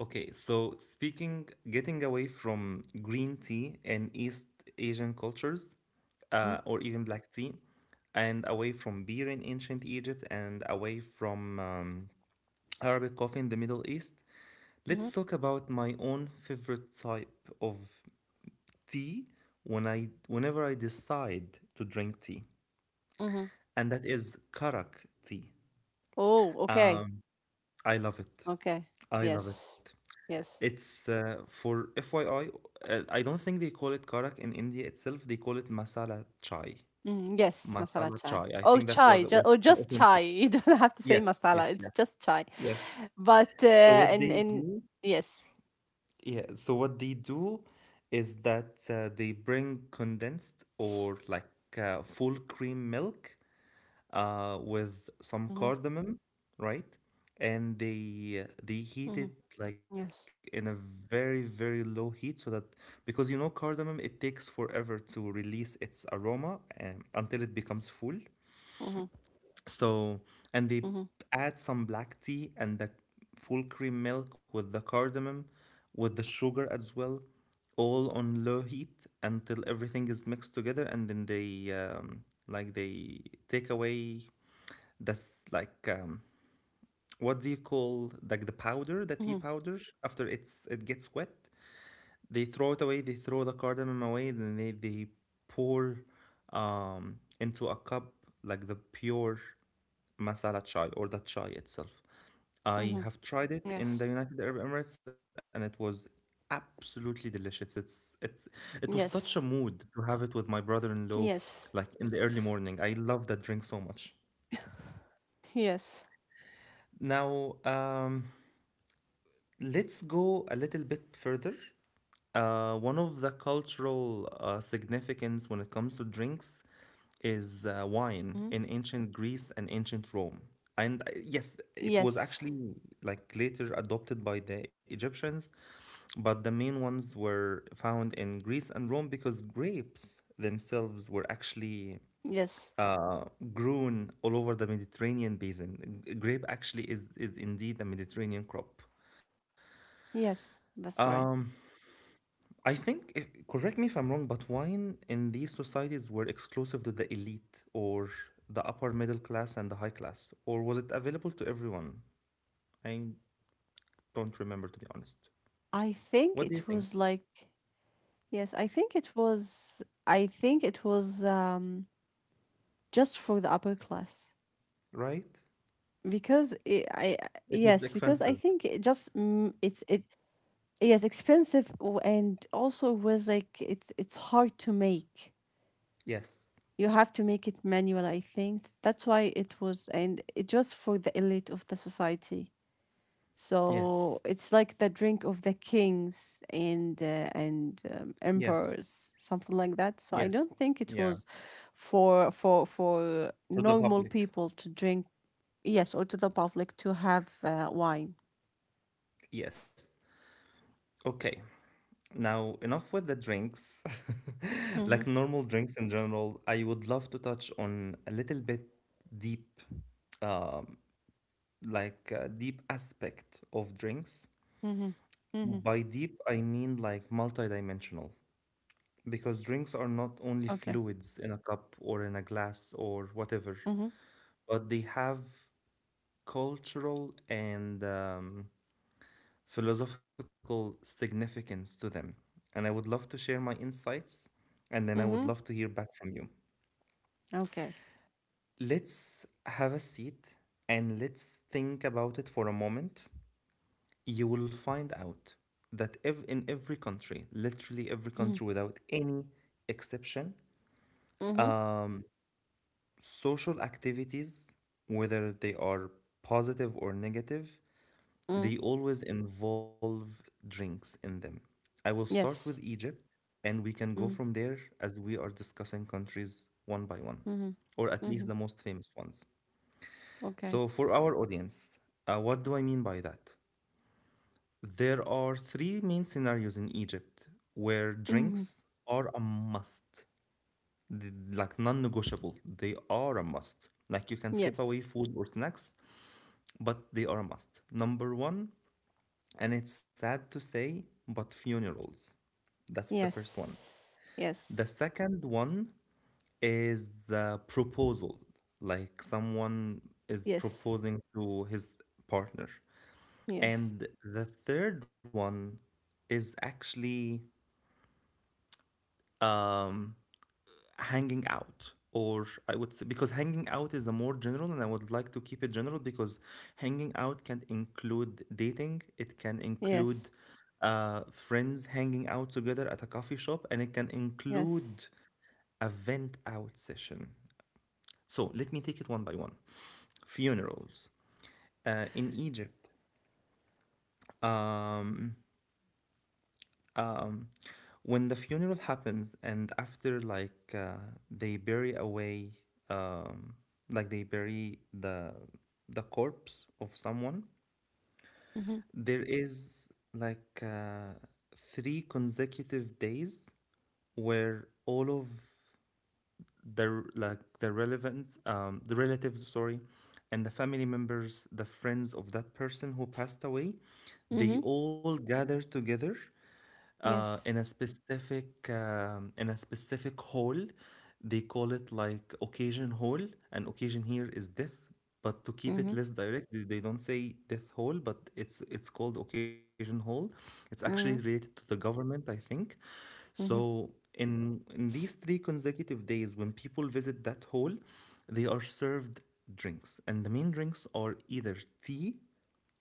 Speaker 1: Okay, so speaking, getting away from green tea and East Asian cultures, uh, or even black tea, and away from beer in ancient Egypt, and away from um, Arabic coffee in the Middle East,
Speaker 2: Mm-hmm.
Speaker 1: let's talk about my own favorite type of tea when I, whenever I decide to drink tea,
Speaker 2: Mm-hmm.
Speaker 1: and that is karak tea.
Speaker 2: Oh, okay.
Speaker 1: Um, I love it.
Speaker 2: Okay.
Speaker 1: I love it.
Speaker 2: Yes. Yes.
Speaker 1: It's uh, for F Y I, uh, I don't think they call it karak in India itself. They call it masala chai.
Speaker 2: Mm, yes, masala
Speaker 1: Masala
Speaker 2: chai.
Speaker 1: chai. I
Speaker 2: Oh,
Speaker 1: think that's what,
Speaker 2: chai, ju- or
Speaker 1: what's the
Speaker 2: just
Speaker 1: authentic.
Speaker 2: chai. You don't have to
Speaker 1: Yes,
Speaker 2: say
Speaker 1: yes,
Speaker 2: masala.
Speaker 1: yes,
Speaker 2: It's just chai.
Speaker 1: yes.
Speaker 2: But
Speaker 1: So
Speaker 2: uh,
Speaker 1: what they
Speaker 2: in in
Speaker 1: do,
Speaker 2: yes.
Speaker 1: yeah. So what they do is that uh, they bring condensed or like uh, full cream milk uh, with some
Speaker 2: Mm-hmm.
Speaker 1: cardamom, right? And they they
Speaker 2: Mm-hmm.
Speaker 1: heat it like
Speaker 2: Yes.
Speaker 1: in a very, very low heat so that, because you know cardamom, it takes forever to release its aroma um, until it becomes full.
Speaker 2: Mm-hmm.
Speaker 1: So, and
Speaker 2: Mm-hmm.
Speaker 1: they add some black tea and the full cream milk with the cardamom, with the sugar as well, all on low heat until everything is mixed together, and then they um, like they take away, that's like um, what do you call like the powder, the
Speaker 2: Mm-hmm.
Speaker 1: tea powder? After it's it gets wet, they throw it away. They throw the cardamom away. Then they they pour um, into a cup like the pure masala chai or the chai itself. I
Speaker 2: Mm-hmm.
Speaker 1: have tried it in
Speaker 2: Yes.
Speaker 1: the United Arab Emirates and it was absolutely delicious. It's it's it was such a
Speaker 2: Yes.
Speaker 1: mood to have it with my brother-in-law like
Speaker 2: Yes.
Speaker 1: in the early morning. I love that drink so much.
Speaker 2: Yes.
Speaker 1: Now, um, let's go a little bit further. Uh, one of the cultural uh, significance when it comes to drinks is uh, wine in
Speaker 2: Mhm.
Speaker 1: ancient Greece and ancient Rome. And uh, yes, it was
Speaker 2: Yes.
Speaker 1: actually like later adopted by the Egyptians, but the main ones were found in Greece and Rome because grapes themselves were actually
Speaker 2: Yes.
Speaker 1: uh, grown all over the Mediterranean basin. G- Grape actually is is indeed a Mediterranean crop.
Speaker 2: Yes. That's
Speaker 1: Um,
Speaker 2: right.
Speaker 1: I think, i- correct me if I'm wrong, but wine in these societies were exclusive to the elite or the upper middle class and the high class, or was it available to everyone? I don't remember, to be honest.
Speaker 2: I think
Speaker 1: What do you
Speaker 2: it
Speaker 1: think?
Speaker 2: was like, yes. I think it was. I think it was um just for the upper class
Speaker 1: Right?
Speaker 2: because it, I
Speaker 1: It
Speaker 2: yes,
Speaker 1: was
Speaker 2: because I
Speaker 1: expensive.
Speaker 2: think it just mm, it's it yes, expensive w- and also was like it's it's hard to make.
Speaker 1: Yes.
Speaker 2: You have to make it manual, I think. That's why it was, and it was for the elite of the society. So
Speaker 1: Yes.
Speaker 2: it's like the drink of the kings, and uh, and um,
Speaker 1: Yes.
Speaker 2: emperors, something like that. So I
Speaker 1: Yes.
Speaker 2: don't think it
Speaker 1: Yeah.
Speaker 2: was for for for
Speaker 1: For the
Speaker 2: normal
Speaker 1: public.
Speaker 2: people to drink, yes, or to the public to have uh, wine.
Speaker 1: Yes. Okay. Now, enough with the drinks. Like
Speaker 2: Mm-hmm,
Speaker 1: normal drinks in general, I would love to touch on a little bit deep, um, like uh, deep aspect of drinks.
Speaker 2: mm-hmm, mm-hmm.
Speaker 1: By deep, I mean like multidimensional, because drinks are not only
Speaker 2: Okay.
Speaker 1: fluids in a cup or in a glass or whatever,
Speaker 2: Mm-hmm,
Speaker 1: but they have cultural and um, philosophical significance to them. And I would love to share my insights, and then I would love to
Speaker 2: mm-hmm.
Speaker 1: hear back from you.
Speaker 2: Okay.
Speaker 1: Let's have a seat and let's think about it for a moment. You will find out that ev- in every country, literally every country
Speaker 2: Mm-hmm,
Speaker 1: without any exception,
Speaker 2: mm-hmm.
Speaker 1: um, social activities, whether they are positive or negative, they
Speaker 2: Mm.
Speaker 1: always involve drinks in them. I will start with
Speaker 2: Yes.
Speaker 1: Egypt, and we can go from
Speaker 2: Mm-hmm,
Speaker 1: there as we are discussing countries one by one, or at least the
Speaker 2: mm-hmm.
Speaker 1: most famous ones. So,
Speaker 2: Okay.
Speaker 1: for our audience, uh, what do I mean by that? There are three main scenarios in Egypt where
Speaker 2: Mhm.
Speaker 1: drinks are a must, th- like non negotiable. They are a must. Like you can skip away
Speaker 2: Yes.
Speaker 1: food or snacks, but they are a must. Number one, and it's sad to say, but funerals. That's the first one.
Speaker 2: Yes.
Speaker 1: The
Speaker 2: Yes.
Speaker 1: second one is the proposal, like someone is
Speaker 2: Yes.
Speaker 1: proposing to his partner.
Speaker 2: Yes.
Speaker 1: And the third one is actually um, hanging out, or I would say, because hanging out is a more general and I would like to keep it general, because hanging out can include dating, it can include
Speaker 2: Yes.
Speaker 1: uh, friends hanging out together at a coffee shop, and it can include
Speaker 2: Yes.
Speaker 1: a vent out session. So let me take it one by one. Funerals uh, in Egypt, um, um, when the funeral happens and after like uh, they bury away um, like they bury the the corpse of someone,
Speaker 2: Mhm.
Speaker 1: there is like uh, three consecutive days where all of the r- like the relevant um, the relatives, sorry, and the family members, the friends of that person who passed away, they
Speaker 2: Mhm.
Speaker 1: all gather together uh, in a
Speaker 2: Yes.
Speaker 1: specific um, in a specific hall. They call it like occasion hall, and occasion here is death. But to keep it
Speaker 2: Mhm.
Speaker 1: less direct, they they don't say death hall, but it's it's called occasion hall. It's actually related to
Speaker 2: Mhm.
Speaker 1: the government, I think. So
Speaker 2: Mhm.
Speaker 1: in in these three consecutive days, when people visit that hall, they are served drinks, and the main drinks are either tea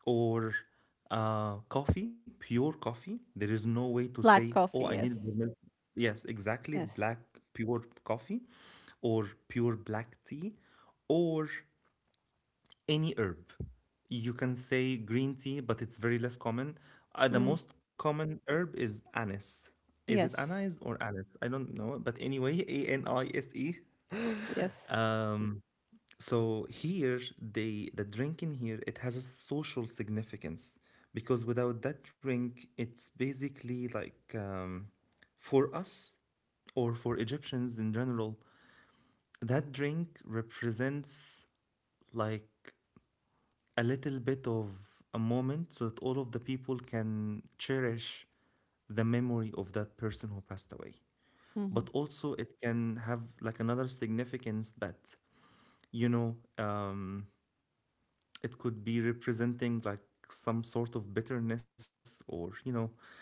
Speaker 1: or uh, coffee, pure coffee. There is no way to say,
Speaker 2: Black
Speaker 1: oh, I
Speaker 2: coffee.
Speaker 1: needed your
Speaker 2: Yes.
Speaker 1: milk. Yes, exactly.
Speaker 2: Yes.
Speaker 1: Black pure coffee or pure black tea or any herb. You can say green tea, but it's very less common. Uh, the
Speaker 2: Mm.
Speaker 1: most common herb is anise. Is it
Speaker 2: Yes.
Speaker 1: anise or anise? I don't know. But anyway, A N I S E.
Speaker 2: Yes.
Speaker 1: Um, so here, they the drink in here it has a social significance because without that drink, it's basically like um, for us or for Egyptians in general, that drink represents like a little bit of a moment so that all of the people can cherish the memory of that person who passed away. But
Speaker 2: Mhm.
Speaker 1: also, it can have like another significance that you know. Um, It could be representing like some sort of bitterness or, you know,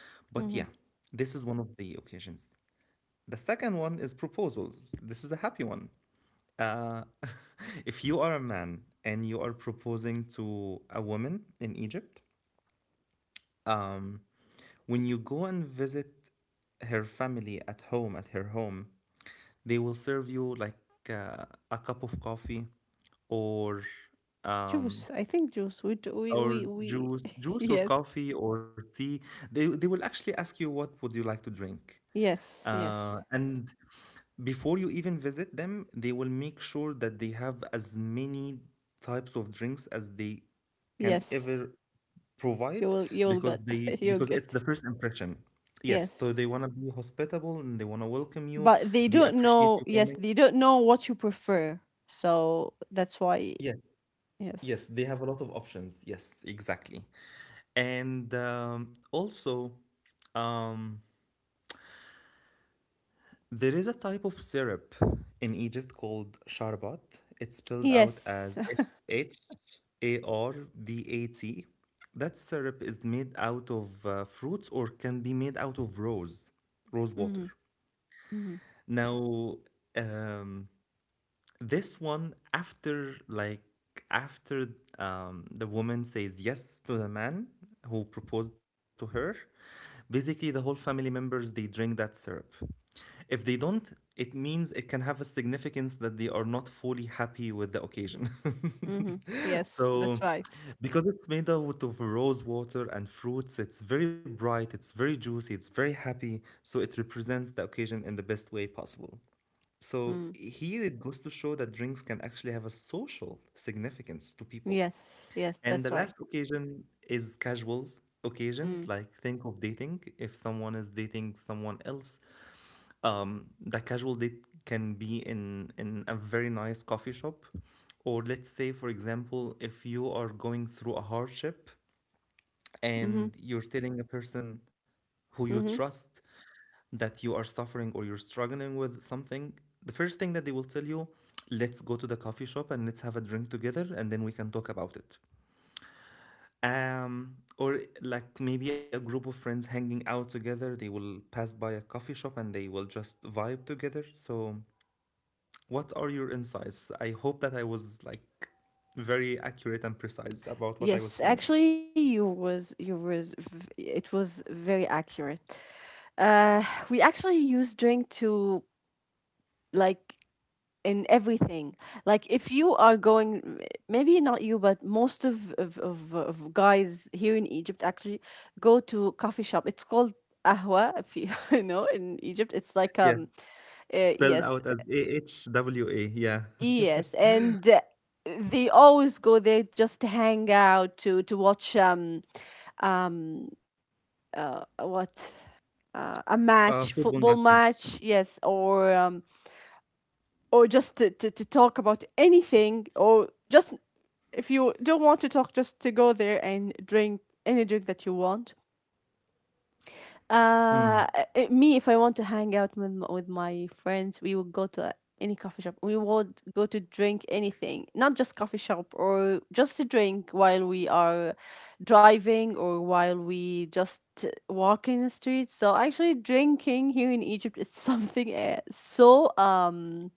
Speaker 1: but yeah,
Speaker 2: Mhm.
Speaker 1: this is one of the occasions. The second one is proposals. This is a happy one. Uh, if you are a man and you are proposing to a woman in Egypt, um, when you go and visit her family at home, at her home, they will serve you like uh, a cup of coffee or
Speaker 2: Juice.
Speaker 1: um,
Speaker 2: I think juice. We do, we we
Speaker 1: or
Speaker 2: we.
Speaker 1: juice, juice or
Speaker 2: Yes.
Speaker 1: coffee or tea, they, they will actually ask you what would you like to drink.
Speaker 2: Yes.
Speaker 1: Uh,
Speaker 2: Yes.
Speaker 1: and before you even visit them, they will make sure that they have as many types of drinks as they can
Speaker 2: Yes.
Speaker 1: ever provide
Speaker 2: You will. You will
Speaker 1: because
Speaker 2: get.
Speaker 1: they
Speaker 2: You'll
Speaker 1: because it's
Speaker 2: get.
Speaker 1: the first impression. Yes, so
Speaker 2: Yes.
Speaker 1: they want to be hospitable and they want to welcome you.
Speaker 2: But they
Speaker 1: They
Speaker 2: don't
Speaker 1: appreciate
Speaker 2: know.
Speaker 1: you
Speaker 2: Yes,
Speaker 1: coming.
Speaker 2: they don't know what you prefer. So that's why.
Speaker 1: Yes,
Speaker 2: Yes.
Speaker 1: yes, they have a lot of options. Yes, exactly. And um, also, um, there is a type of syrup in Egypt called sharbat. It's spelled out as
Speaker 2: Yes.
Speaker 1: H A R B A T. That syrup is made out of uh, fruits or can be made out of rose, rose water.
Speaker 2: Mm-hmm. Mm-hmm.
Speaker 1: Now, um, this one after like after um, the woman says yes to the man who proposed to her, basically the whole family members they drink that syrup. If they don't, it means it can have a significance that they are not fully happy with the occasion.
Speaker 2: Mm-hmm. Yes,
Speaker 1: So
Speaker 2: that's right.
Speaker 1: because it's made out of rose water and fruits, it's very bright, it's very juicy, it's very happy, so it represents the occasion in the best way possible. So
Speaker 2: Mm.
Speaker 1: here it goes to show that drinks can actually have a social significance to people.
Speaker 2: Yes, yes,
Speaker 1: And the
Speaker 2: that's
Speaker 1: last
Speaker 2: right.
Speaker 1: occasion is casual occasions,
Speaker 2: Mm.
Speaker 1: like think of dating. If someone is dating someone else, um, the casual date can be in in a very nice coffee shop, or let's say, for example, if you are going through a hardship and
Speaker 2: Mm-hmm.
Speaker 1: you're telling a person who you
Speaker 2: Mm-hmm.
Speaker 1: trust that you are suffering or you're struggling with something, the first thing that they will tell you, let's go to the coffee shop and let's have a drink together and then we can talk about it. Um, or like maybe a group of friends hanging out together, they will pass by a coffee shop and they will just vibe together. So, what are your insights? I hope that I was like very accurate and precise about what I was
Speaker 2: Yes,
Speaker 1: saying.
Speaker 2: actually, you was you was v- it was very accurate. Uh, we actually use drink to, like, in everything. Like, if you are going, maybe not you, but most of of, of, of guys here in Egypt actually go to coffee shop. It's called ahwa, if you you know in Egypt. It's like
Speaker 1: Yes,
Speaker 2: um uh,
Speaker 1: spelled
Speaker 2: yes,
Speaker 1: out as AHWA. Yeah.
Speaker 2: yes and uh, they always go there just to hang out, to to watch um um uh, what uh, a
Speaker 1: Uh,
Speaker 2: match
Speaker 1: football
Speaker 2: football
Speaker 1: matches.
Speaker 2: match, yes, or um or just to, to, to talk about anything, or just if you don't want to talk, just to go there and drink any drink that you want.
Speaker 1: Mm,
Speaker 2: Uh, it- Me, if I want to hang out with m- with my friends, we would go to any coffee shop. We would go to drink anything, not just coffee shop, or just to drink while we are driving or while we just walk in the street. So actually, drinking here in Egypt is something, uh, so um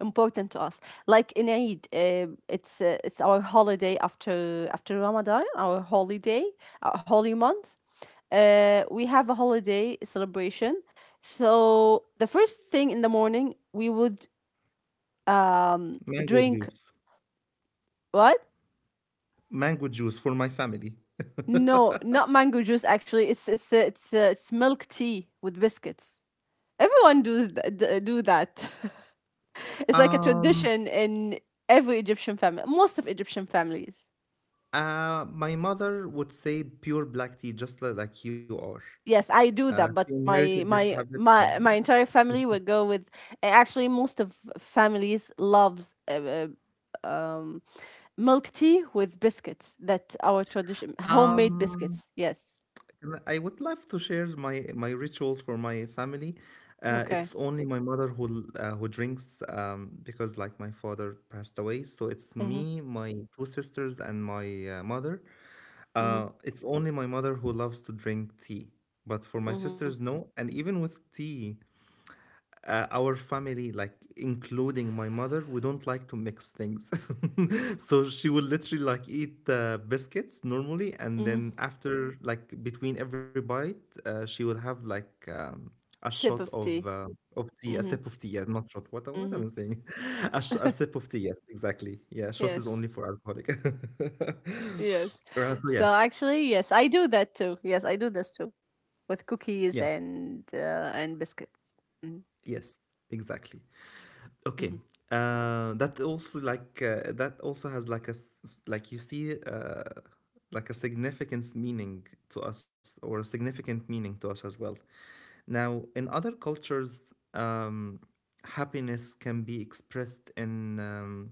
Speaker 2: important to us. Like in Eid, uh, it's uh, it's our holiday after after Ramadan, our holiday, our holy month. Uh, we have a holiday celebration, so the first thing in the morning we would um
Speaker 1: mango
Speaker 2: drink,
Speaker 1: juice.
Speaker 2: what?
Speaker 1: Mango juice for my family.
Speaker 2: No, not mango juice, actually. It's it's uh, it's uh, it's milk tea with biscuits. Everyone does th- d- do that. It's like a
Speaker 1: um,
Speaker 2: tradition in every Egyptian family, most of Egyptian families.
Speaker 1: uh, my mother would say pure black tea, just li- like you are.
Speaker 2: Yes, I
Speaker 1: Uh,
Speaker 2: do that,
Speaker 1: she
Speaker 2: but
Speaker 1: inherited
Speaker 2: my
Speaker 1: this
Speaker 2: my
Speaker 1: habit. Um,
Speaker 2: my my entire family would go with eh, actually most of families loves uh, uh, um milk tea with biscuits, that our tradition homemade
Speaker 1: um,
Speaker 2: biscuits. Yes.
Speaker 1: and I would love to share my my rituals for my family. Uh, it's
Speaker 2: Okay.
Speaker 1: only my mother who l- uh, who drinks um, because like my father passed away, so it's
Speaker 2: Mhm.
Speaker 1: me, my two sisters, and my uh, mother.
Speaker 2: Mhm.
Speaker 1: Uh, it's only my mother who loves to drink tea. But for my
Speaker 2: Mhm.
Speaker 1: sisters, no. And even with tea, uh, our family, like including my mother, we don't like to mix things. So she will literally like eat uh, biscuits normally, and
Speaker 2: Mhm.
Speaker 1: then after like between every bite, uh, she will have like um, a shot
Speaker 2: Sip of
Speaker 1: of
Speaker 2: tea.
Speaker 1: uh, of tea, a
Speaker 2: Mhm.
Speaker 1: sip of tea. Yeah, not shot. What am- what am
Speaker 2: Mhm.
Speaker 1: I saying? a, sh- a sip of tea. Yes, exactly. Yeah, shot is
Speaker 2: Yes.
Speaker 1: only for alcoholic.
Speaker 2: Yes.
Speaker 1: Uh, so
Speaker 2: So
Speaker 1: yes,
Speaker 2: actually, yes, I do that too. Yes, I do this too with
Speaker 1: yeah,
Speaker 2: cookies and uh, and biscuit. Mhm.
Speaker 1: yes, exactly. Okay.
Speaker 2: Mhm.
Speaker 1: Uh, that also like uh, that also has like a s- like you see uh, like a significance meaning to us or a significant meaning to us as well. Now, in other cultures, um, happiness can be expressed in um,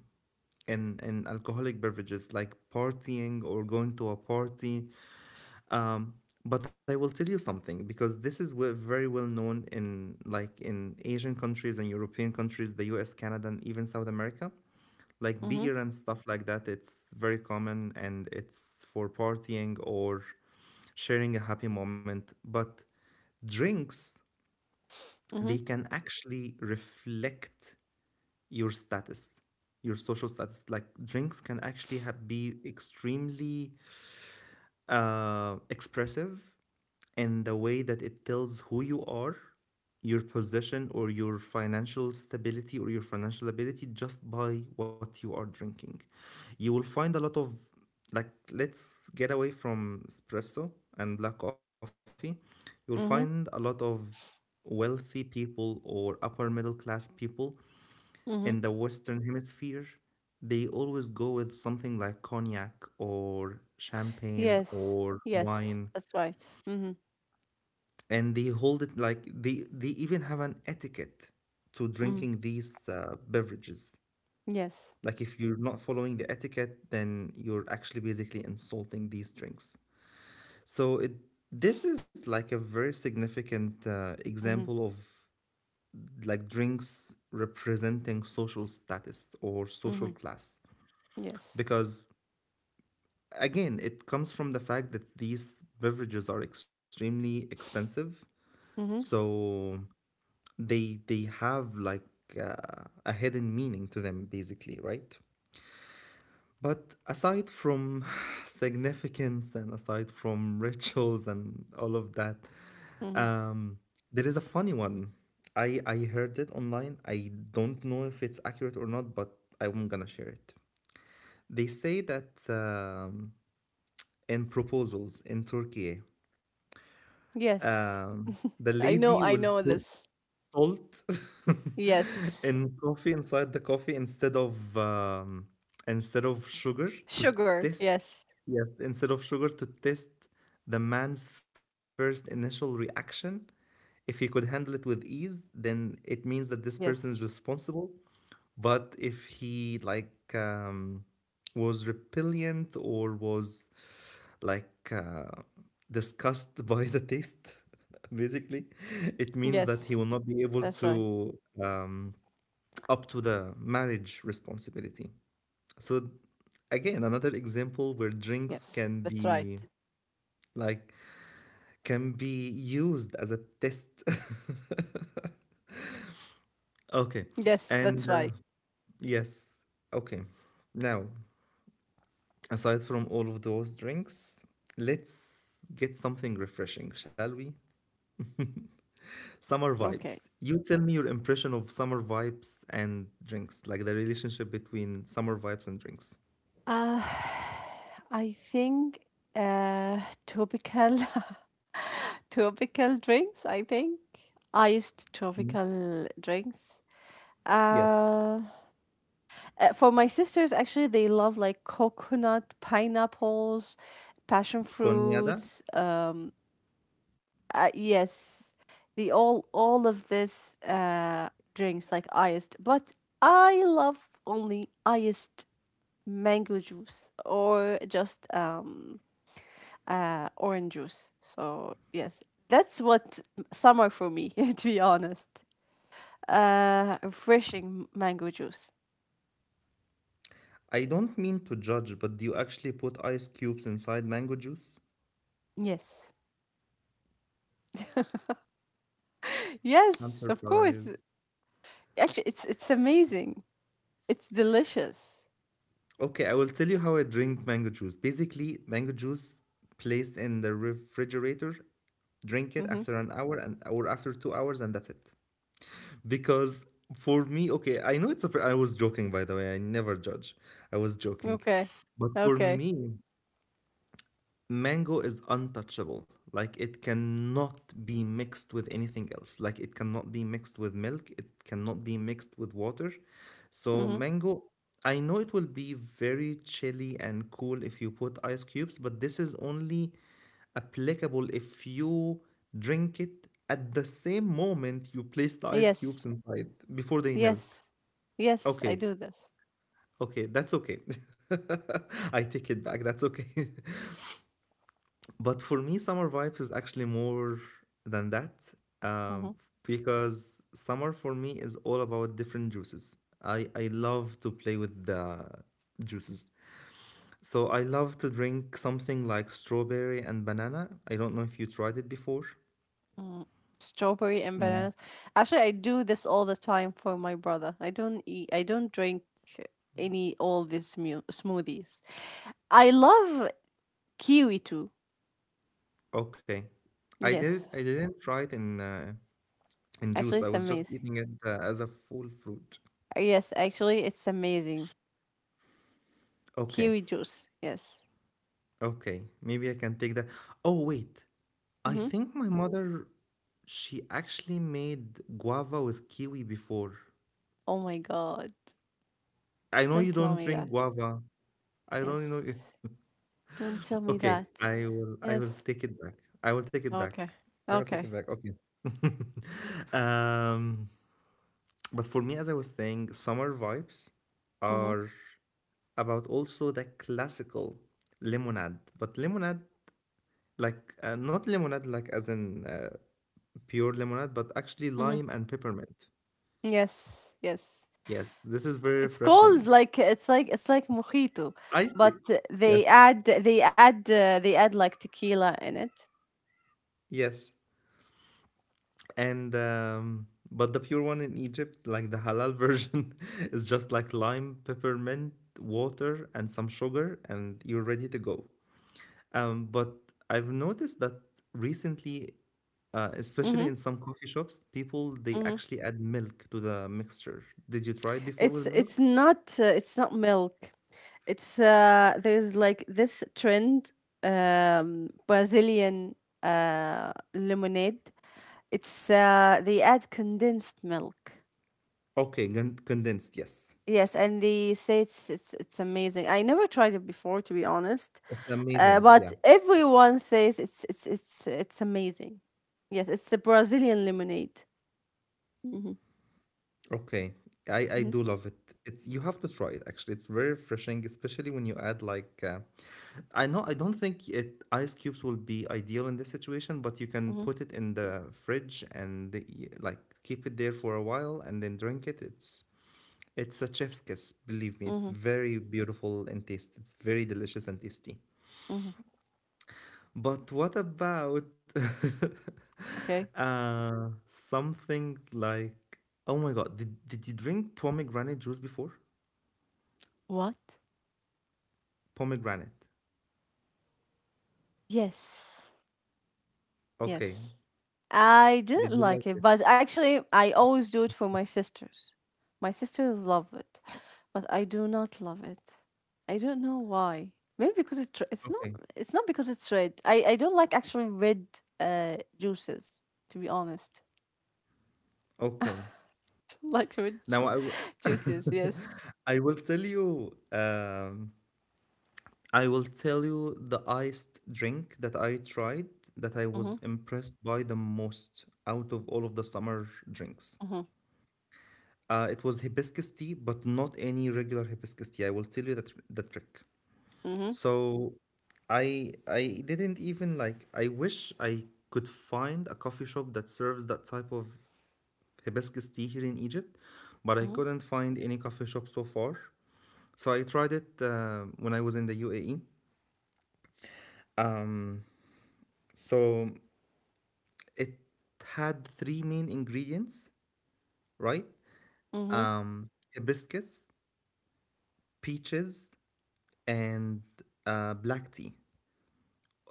Speaker 1: in in alcoholic beverages like partying or going to a party, um, but I will tell you something because this is we- very well known in like in Asian countries and European countries, the U S, Canada, and even South America. Like
Speaker 2: Mhm.
Speaker 1: beer and stuff like that, it's very common and it's for partying or sharing a happy moment. But drinks, they
Speaker 2: Mhm.
Speaker 1: can actually reflect your status, your social status. Like drinks can actually have, be extremely uh, expressive and the way that it tells who you are, your position, or your financial stability or your financial ability just by what you are drinking. You will find a lot of, like, let's get away from espresso and black coffee. You'll find a lot
Speaker 2: Mhm.
Speaker 1: of wealthy people or upper middle class people in the
Speaker 2: Mhm.
Speaker 1: Western Hemisphere. They always go with something like cognac or champagne
Speaker 2: Yes.
Speaker 1: or
Speaker 2: Yes.
Speaker 1: wine
Speaker 2: That's right. Mhm.
Speaker 1: and they hold it like they they even have an etiquette to
Speaker 2: Mhm.
Speaker 1: drinking these uh, beverages.
Speaker 2: Yes.
Speaker 1: Like if you're not following the etiquette, then you're actually basically insulting these drinks. So it this is like a very significant uh, example
Speaker 2: Mhm.
Speaker 1: of like drinks representing social status or social
Speaker 2: Mhm.
Speaker 1: class
Speaker 2: Yes.
Speaker 1: because again it comes from the fact that these beverages are extremely expensive.
Speaker 2: Mhm.
Speaker 1: So they they have like uh, a hidden meaning to them basically, right? But aside from significance and aside from rituals and all of that,
Speaker 2: Mhm.
Speaker 1: um there is a funny one. I i heard it online, I don't know if it's accurate or not, but I'm gonna share it. They say that um, in proposals in Turkey,
Speaker 2: Yes.
Speaker 1: um the
Speaker 2: I
Speaker 1: lady
Speaker 2: know, I
Speaker 1: will
Speaker 2: know
Speaker 1: put
Speaker 2: this.
Speaker 1: salt
Speaker 2: Yes.
Speaker 1: in coffee, inside the coffee, instead of um, instead of sugar to
Speaker 2: Sugar.
Speaker 1: test.
Speaker 2: Yes.
Speaker 1: Yes, instead of sugar to test the man's first initial reaction. If he could handle it with ease, then it means that this person is
Speaker 2: Yes.
Speaker 1: responsible. But if he like um, was repellent or was like uh, disgusted by the taste, basically, it means that he
Speaker 2: Yes.
Speaker 1: will not be able
Speaker 2: That's right.
Speaker 1: to, um, up to the marriage responsibility. So again, another example where drinks
Speaker 2: Yes.
Speaker 1: can
Speaker 2: That's right.
Speaker 1: be like can be used as a test. Okay,
Speaker 2: Yes, that's
Speaker 1: and
Speaker 2: right.
Speaker 1: uh, yes, okay. Now, aside from all of those drinks, let's get something refreshing, shall we? Summer
Speaker 2: Okay.
Speaker 1: vibes. You tell me your impression of summer vibes and drinks, like the relationship between summer vibes and drinks.
Speaker 2: Uh I think uh tropical tropical drinks, I think. Iced
Speaker 1: Mhm.
Speaker 2: tropical drinks.
Speaker 1: Yes.
Speaker 2: Uh Uh, for my sisters, actually, they love like coconut, pineapples, passion
Speaker 1: Konyada?
Speaker 2: fruits. Um, uh, yes, the all all of this uh drinks like iced, but I love only iced mango juice or just um uh orange juice. So yes, that's what summer for me, to be honest. Uh, refreshing mango juice.
Speaker 1: I don't mean to judge, but do you actually put ice cubes inside mango juice?
Speaker 2: Yes.
Speaker 1: I'm
Speaker 2: Yes, of course.
Speaker 1: surprised.
Speaker 2: Actually, it's it's amazing. It's delicious.
Speaker 1: Okay, I will tell you how I drink mango juice. Basically, mango juice placed in the refrigerator, drink it
Speaker 2: Mm-hmm.
Speaker 1: after an hour and or after two hours, and that's it. Because for me, okay, I know it's a. fr- I was joking, by the way. I never judge. I was joking,
Speaker 2: Okay.
Speaker 1: but for
Speaker 2: Okay.
Speaker 1: me, mango is untouchable, like it cannot be mixed with anything else, like it cannot be mixed with milk, it cannot be mixed with water. So
Speaker 2: Mm-hmm.
Speaker 1: mango, I know it will be very chilly and cool if you put ice cubes, but this is only applicable if you drink it at the same moment you place the ice
Speaker 2: Yes.
Speaker 1: cubes inside before they melt.
Speaker 2: Yes. Yes, I
Speaker 1: Okay,
Speaker 2: do this.
Speaker 1: okay, that's okay. I take it back, that's okay. But for me, summer vibes is actually more than that,
Speaker 2: Mm-hmm.
Speaker 1: um, because summer for me is all about different juices. I, I love to play with the juices. So I love to drink something like strawberry and banana. I don't know if you tried it before.
Speaker 2: Mm. Strawberry and
Speaker 1: Mm.
Speaker 2: bananas. Actually, I do this all the time for my brother. I don't eat. I don't drink any all these mu- smoothies. I love kiwi too.
Speaker 1: Okay. I did I
Speaker 2: Yes.
Speaker 1: didn't try it in uh, in
Speaker 2: Actually,
Speaker 1: juice. I
Speaker 2: it's
Speaker 1: was just
Speaker 2: amazing.
Speaker 1: eating it uh, as a full fruit.
Speaker 2: Yes, actually, it's amazing.
Speaker 1: Okay.
Speaker 2: Kiwi juice. Yes.
Speaker 1: Okay. Maybe I can take that. Oh, wait. I
Speaker 2: Mm-hmm.
Speaker 1: think my mother, she actually made guava with kiwi before.
Speaker 2: Oh my God.
Speaker 1: I know you
Speaker 2: Don't tell
Speaker 1: don't
Speaker 2: me
Speaker 1: drink
Speaker 2: that.
Speaker 1: guava. I don't know. You.
Speaker 2: Yes. Don't tell me
Speaker 1: Okay,
Speaker 2: that.
Speaker 1: I will. I will
Speaker 2: Yes.
Speaker 1: take it back. I will take it back.
Speaker 2: Okay.
Speaker 1: I will take
Speaker 2: Okay.
Speaker 1: it back. Okay. um, but for me, as I was saying, summer vibes
Speaker 2: Mm-hmm.
Speaker 1: are about also the classical lemonade. But lemonade, like uh, not lemonade like, as in uh, pure lemonade, but actually
Speaker 2: Mm-hmm.
Speaker 1: lime and peppermint.
Speaker 2: Yes. Yes.
Speaker 1: Yes, this is very
Speaker 2: It's called
Speaker 1: refreshing.
Speaker 2: like it's like it's like mojito,
Speaker 1: I see.
Speaker 2: but uh,
Speaker 1: Yes.
Speaker 2: they add they add uh, they add like tequila in it.
Speaker 1: Yes. And um but the pure one in Egypt, like the halal version, is just like lime, peppermint, water, and some sugar, and you're ready to go. Um, but I've noticed that recently, uh, especially
Speaker 2: Mm-hmm.
Speaker 1: in some coffee shops, people
Speaker 2: Mm-hmm.
Speaker 1: they actually add milk to the mixture. Did you try it before with
Speaker 2: It's it's
Speaker 1: milk?
Speaker 2: not uh, it's not milk. It's uh There's like this trend, um Brazilian uh lemonade. It's uh, They add condensed milk.
Speaker 1: Okay, con- condensed, yes.
Speaker 2: Yes, and they say it's it's it's amazing. I never tried it before, to be honest,
Speaker 1: It's
Speaker 2: uh,
Speaker 1: amazing.
Speaker 2: but
Speaker 1: Yeah.
Speaker 2: everyone says it's it's it's it's amazing. Yes, it's a Brazilian lemonade. Mm-hmm,
Speaker 1: Okay. I, I
Speaker 2: mm-hmm,
Speaker 1: do love it. It's, you have to try it actually. It's very refreshing, especially when you add like uh, I know I don't think it ice cubes will be ideal in this situation, but you can
Speaker 2: mm-hmm,
Speaker 1: put it in the fridge and the- like keep it there for a while and then drink it. It's it's a chef's kiss, believe me. It's
Speaker 2: mm-hmm,
Speaker 1: very beautiful and tasty. It's very delicious and tasty.
Speaker 2: mm-hmm.
Speaker 1: But what about
Speaker 2: Okay.
Speaker 1: uh, something like, oh my God, did, did you drink pomegranate juice before?
Speaker 2: What?
Speaker 1: Pomegranate.
Speaker 2: Yes.
Speaker 1: Okay.
Speaker 2: Yes. I didn't
Speaker 1: Did you
Speaker 2: like
Speaker 1: like
Speaker 2: it,
Speaker 1: it?
Speaker 2: but actually, I always do it for my sisters. My sisters love it, but I do not love it. I don't know why. Maybe because it's re- it's not
Speaker 1: Okay.
Speaker 2: it's not because it's red. I I don't like actually red uh juices. To be honest,
Speaker 1: Okay.
Speaker 2: don't like red
Speaker 1: Now
Speaker 2: ju-
Speaker 1: I will
Speaker 2: juices. Yes.
Speaker 1: I will tell you um, I will tell you the iced drink that I tried that I was
Speaker 2: Mhm.
Speaker 1: impressed by the most out of all of the summer drinks.
Speaker 2: Mhm.
Speaker 1: Uh, it was hibiscus tea, but not any regular hibiscus tea. I will tell you that the trick.
Speaker 2: Mhm.
Speaker 1: So I I didn't even like, I wish I could find a coffee shop that serves that type of hibiscus tea here in Egypt, but I
Speaker 2: Mhm.
Speaker 1: couldn't find any coffee shop so far. So I tried it uh, when I was in the U A E. So it had three main ingredients, right?
Speaker 2: Mhm.
Speaker 1: Um, hibiscus, peaches, and uh, black tea,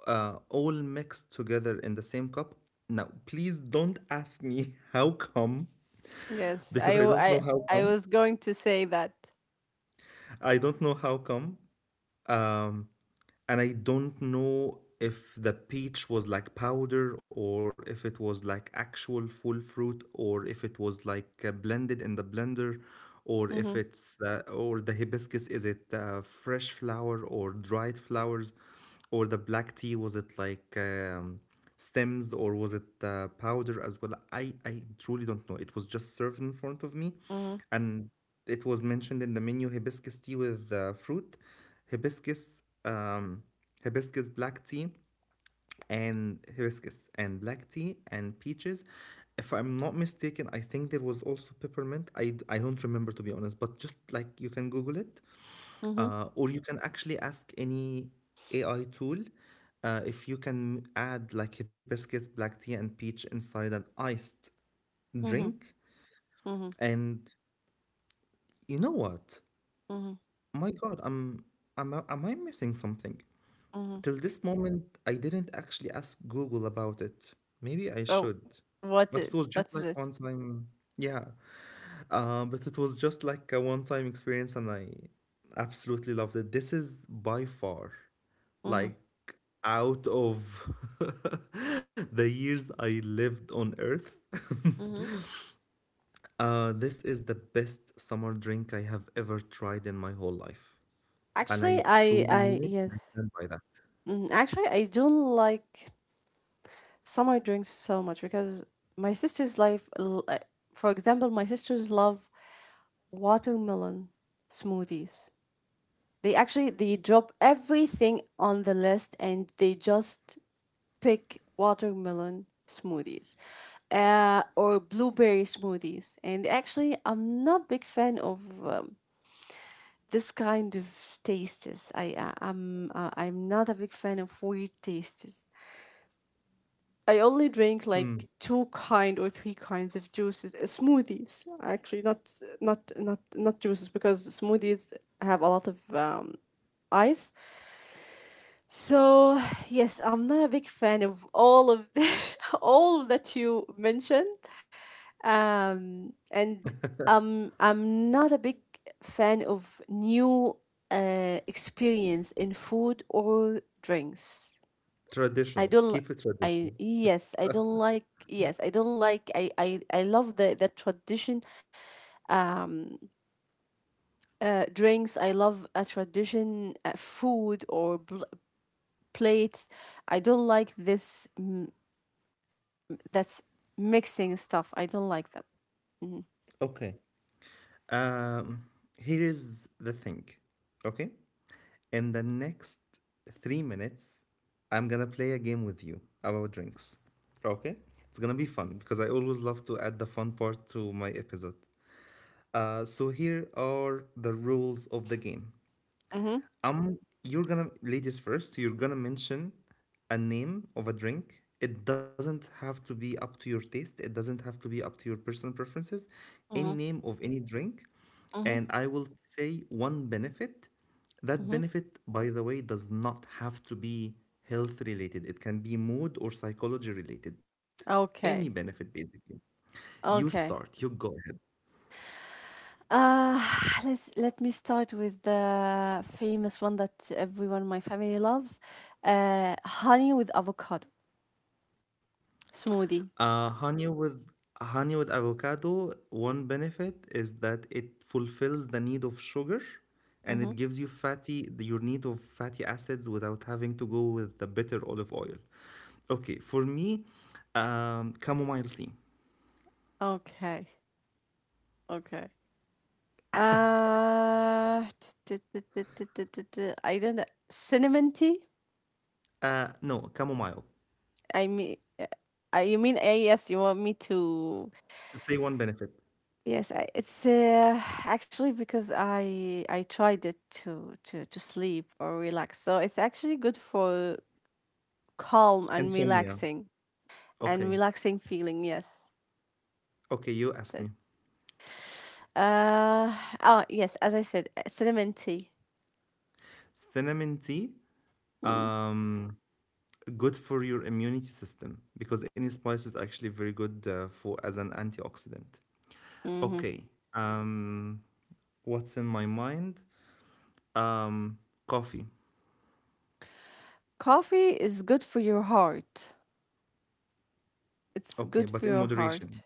Speaker 1: uh, all mixed together in the same cup. Now, please don't ask me how come,
Speaker 2: Yes. I
Speaker 1: because I
Speaker 2: w-
Speaker 1: don't know
Speaker 2: I
Speaker 1: how
Speaker 2: I
Speaker 1: come.
Speaker 2: was going to say that.
Speaker 1: I don't know how come. Um, and I don't know if the peach was like powder, or if it was like actual full fruit, or if it was like uh, blended in the blender, or
Speaker 2: Mhm.
Speaker 1: if it's uh, or the hibiscus, is it uh, fresh flower or dried flowers? Or the black tea, was it like um, stems, or was it uh, powder as well? I, I truly don't know. It was just served in front of me,
Speaker 2: Mhm.
Speaker 1: and it was mentioned in the menu hibiscus tea with uh, fruit, hibiscus, um, hibiscus black tea, and hibiscus and black tea and peaches. If I'm not mistaken, I think there was also peppermint. I, I don't remember, to be honest, but just like, you can Google it.
Speaker 2: Mhm.
Speaker 1: Uh, or you can actually ask any A I tool uh, if you can add like hibiscus, black tea, and peach inside an iced
Speaker 2: Mhm.
Speaker 1: drink.
Speaker 2: Mhm.
Speaker 1: And you know what?
Speaker 2: Mhm.
Speaker 1: My God, I'm, I am am I missing something?
Speaker 2: Mhm.
Speaker 1: Till this moment, I didn't actually ask Google about it. Maybe I
Speaker 2: Oh,
Speaker 1: should,
Speaker 2: what
Speaker 1: but
Speaker 2: is
Speaker 1: it was
Speaker 2: what is
Speaker 1: just
Speaker 2: it?
Speaker 1: like one time. Yeah. Uh, but it was just like a one-time experience, and I absolutely loved it. This is by far,
Speaker 2: Mm-hmm.
Speaker 1: like, out of the years I lived on Earth,
Speaker 2: Mm-hmm.
Speaker 1: uh, this is the best summer drink I have ever tried in my whole life, and
Speaker 2: Actually,
Speaker 1: I
Speaker 2: I
Speaker 1: truly
Speaker 2: I
Speaker 1: mean it, and I
Speaker 2: yes.
Speaker 1: stand by that.
Speaker 2: Hmm. Actually, I don't like summer drinks so much because my sister's life. l- uh, For example, my sisters love watermelon smoothies. They actually they drop everything on the list and they just pick watermelon smoothies, uh, or blueberry smoothies. And actually, I'm not big fan of um, this kind of tastes. I I- I'm uh, I'm not a big fan of weird tastes. I only drink
Speaker 1: Mm,
Speaker 2: like two kind or three kinds of juices, uh, smoothies actually, not not not not juices, because smoothies have a lot of um, ice. So yes, I'm not a big fan of all of all that you mentioned. Um, and um, I'm not a big fan of new uh, experience in food or drinks. I
Speaker 1: traditional,
Speaker 2: don't. li-
Speaker 1: keep it
Speaker 2: I
Speaker 1: traditional.
Speaker 2: yes. I don't like. Yes, I don't like. I I, I love the the tradition. Um, uh, Drinks. I love a tradition. Uh, food or bl- plates. I don't like this. Mm, that's mixing stuff. I don't like them. Mm-hmm.
Speaker 1: Okay. Um, Here is the thing. Okay. In the next three minutes, I'm gonna play a game with you about drinks. Okay? It's gonna be fun because I always love to add the fun part to my episode. Uh, so here are the rules of the game.
Speaker 2: Mm-hmm.
Speaker 1: Um, you're gonna, ladies first, you're gonna mention a name of a drink. It doesn't have to be up to your taste, it doesn't have to be up to your personal preferences. Any name of any drink,
Speaker 2: Mm-hmm.
Speaker 1: and I will say one benefit. That
Speaker 2: Mm-hmm.
Speaker 1: benefit, by the way, does not have to be health related, it can be mood or psychology related. Any
Speaker 2: Okay.
Speaker 1: benefit, basically. You start,
Speaker 2: Okay.
Speaker 1: you go ahead.
Speaker 2: Uh, let's let me start with the famous one that everyone in my family loves. Uh, honey with avocado smoothie.
Speaker 1: Uh, honey with honey with avocado, one benefit is that it fulfills the need of sugar, and
Speaker 2: Mm-hmm.
Speaker 1: it gives you fatty your need of fatty acids without having to go with the bitter olive oil. Okay, for me, um, chamomile tea.
Speaker 2: Okay. Okay. Uh, t- t- t- t- t- t- t- I don't know. Cinnamon tea?
Speaker 1: Uh, no, chamomile.
Speaker 2: I mean, uh, I you mean, uh, yes, you want me to.
Speaker 1: Say one benefit.
Speaker 2: Yes, I, it's uh, actually because I I tried it to to to sleep or relax. So it's actually good for calm and
Speaker 1: Insomnia.
Speaker 2: relaxing, and
Speaker 1: Okay.
Speaker 2: relaxing feeling. Yes,
Speaker 1: Okay, you ask me.
Speaker 2: that's it. Uh, oh, yes, as I said, uh, cinnamon tea.
Speaker 1: Cinnamon tea,
Speaker 2: Mm,
Speaker 1: um, good for your immunity system because any spice is actually very good uh, for, as an antioxidant.
Speaker 2: mhm.
Speaker 1: Okay. Um, what's in my mind? Um, Coffee.
Speaker 2: Coffee is good for your heart. It's
Speaker 1: Okay,
Speaker 2: good
Speaker 1: but
Speaker 2: for
Speaker 1: in
Speaker 2: your heart.
Speaker 1: moderation.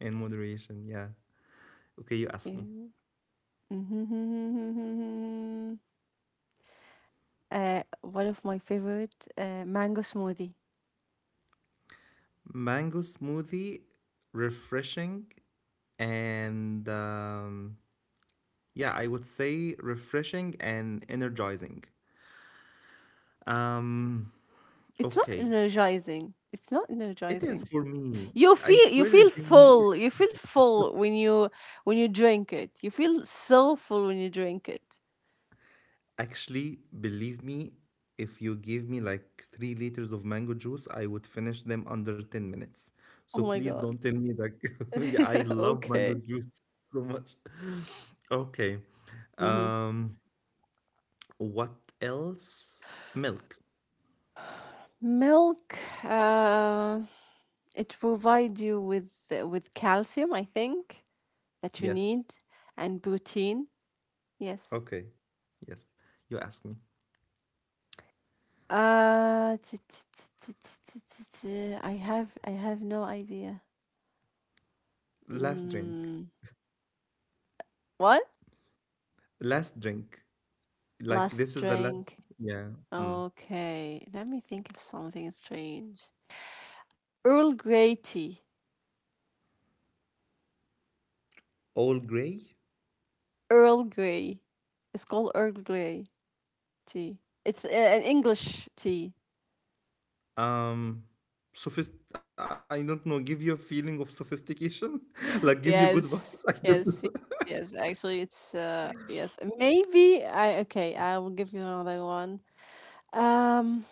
Speaker 1: In moderation, yeah. Okay, you ask me.
Speaker 2: Mm. Uh, one of my favorite uh, mango smoothie.
Speaker 1: Mango smoothie, refreshing, and um, yeah, I would say refreshing and energizing. Um,
Speaker 2: It's not
Speaker 1: okay.
Speaker 2: energizing. It's not
Speaker 1: It is for
Speaker 2: energizing.
Speaker 1: me.
Speaker 2: You
Speaker 1: I
Speaker 2: feel
Speaker 1: swear
Speaker 2: you
Speaker 1: it
Speaker 2: feel
Speaker 1: gives me.
Speaker 2: full. You feel full when you when you drink it. You feel so full when you drink it.
Speaker 1: Actually, believe me, if you give me like three liters of mango juice, I would finish them under ten minutes.
Speaker 2: Oh
Speaker 1: So
Speaker 2: my
Speaker 1: please
Speaker 2: god.
Speaker 1: don't tell me that. yeah, I love mango
Speaker 2: Okay.
Speaker 1: juice so much. Okay.
Speaker 2: Hmm.
Speaker 1: Um, what else? Milk.
Speaker 2: Milk, uh, it provides you with uh, with calcium, I think, that you
Speaker 1: Yes.
Speaker 2: need, and protein. Yes.
Speaker 1: Okay. Yes. You ask me.
Speaker 2: Uh, t- t- t- t- t- t- t- t- I have I have no idea.
Speaker 1: Last drink.
Speaker 2: Mm, what?
Speaker 1: Last drink. Like
Speaker 2: Last
Speaker 1: this is the last.
Speaker 2: drink.
Speaker 1: Yeah. Mm.
Speaker 2: Okay, let me think of something strange. Earl Grey tea.
Speaker 1: All gray?
Speaker 2: Earl Grey. It's called Earl Grey. Tea. It's a- an English tea.
Speaker 1: um sophist I don't know, give you a feeling of sophistication, like give you good vibes. I
Speaker 2: Yes,
Speaker 1: don't know.
Speaker 2: yes, yes, yes. Actually, it's uh, yes. Maybe I Okay. I will give you another one. Um,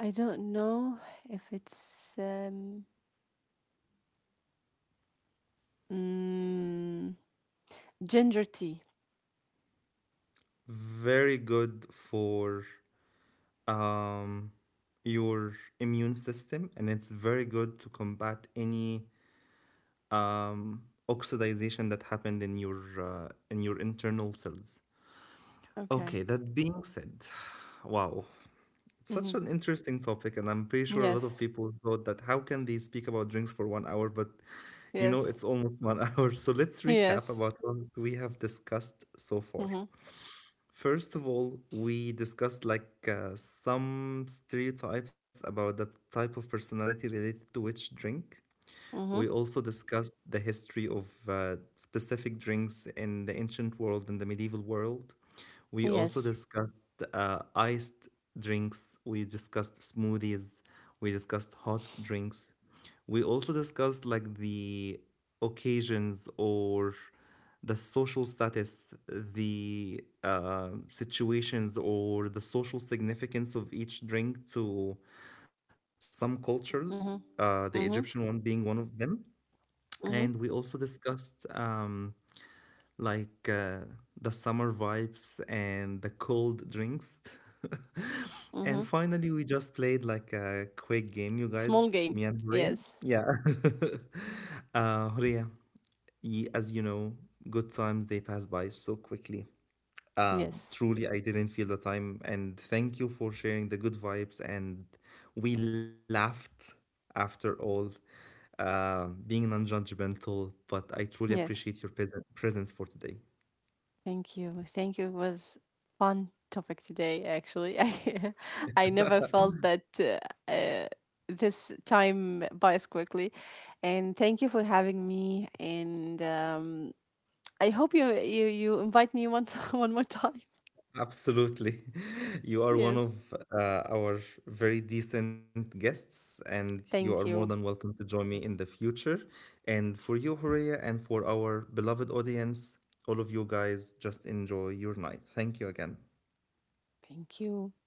Speaker 2: I don't know if it's um, mm, ginger tea.
Speaker 1: Very good for um your immune system, and it's very good to combat any um oxidation that happened in your uh, in your internal cells.
Speaker 2: Okay.
Speaker 1: Okay, that being said, wow. Such
Speaker 2: Mm-hmm.
Speaker 1: an interesting topic, and I'm pretty sure a lot of
Speaker 2: Yes.
Speaker 1: people thought that how can they speak about drinks for one hour? But you know,
Speaker 2: Yes.
Speaker 1: it's almost one hour. So let's recap
Speaker 2: Yes.
Speaker 1: about what we have discussed so far.
Speaker 2: Mm-hmm.
Speaker 1: First of all, we discussed like uh, some stereotypes about the type of personality related to which drink. We
Speaker 2: Mm-hmm.
Speaker 1: also discussed the history of uh, specific drinks in the ancient world and the medieval world. We also
Speaker 2: Yes.
Speaker 1: discussed uh, iced drinks. We discussed smoothies. We discussed hot drinks. We also discussed like the occasions or the social status, the uh, situations or the social significance of each drink to some cultures, uh,
Speaker 2: Mm-hmm.
Speaker 1: the Egyptian one
Speaker 2: Mm-hmm.
Speaker 1: being one of them. And we
Speaker 2: Mm-hmm.
Speaker 1: also discussed um, like uh, the summer vibes and the cold drinks. And
Speaker 2: Mm-hmm.
Speaker 1: finally, we just played like a quick game, you guys,
Speaker 2: Small game.
Speaker 1: me and Horia.
Speaker 2: Yes.
Speaker 1: Yeah. uh, Horia, y- as you know, good times they pass by so quickly. Uh,
Speaker 2: Yes.
Speaker 1: truly, I didn't feel the time. And thank you for sharing the good vibes. And we laughed, after all, uh, being non judgmental. But I truly appreciate
Speaker 2: Yes.
Speaker 1: your pres- presence for today.
Speaker 2: Thank you. Thank you. It was fun topic today, actually. I I never felt that uh, uh, this time bias quickly. And thank you for having me. And um, I hope you you you invite me one one more time.
Speaker 1: Absolutely. You are one
Speaker 2: Yes.
Speaker 1: of uh, our very decent guests, and you are more
Speaker 2: Thank
Speaker 1: than
Speaker 2: you.
Speaker 1: welcome to join me in the future. And for you, Horea, and for our beloved audience, all of you guys, just enjoy your night. Thank you again.
Speaker 2: Thank you.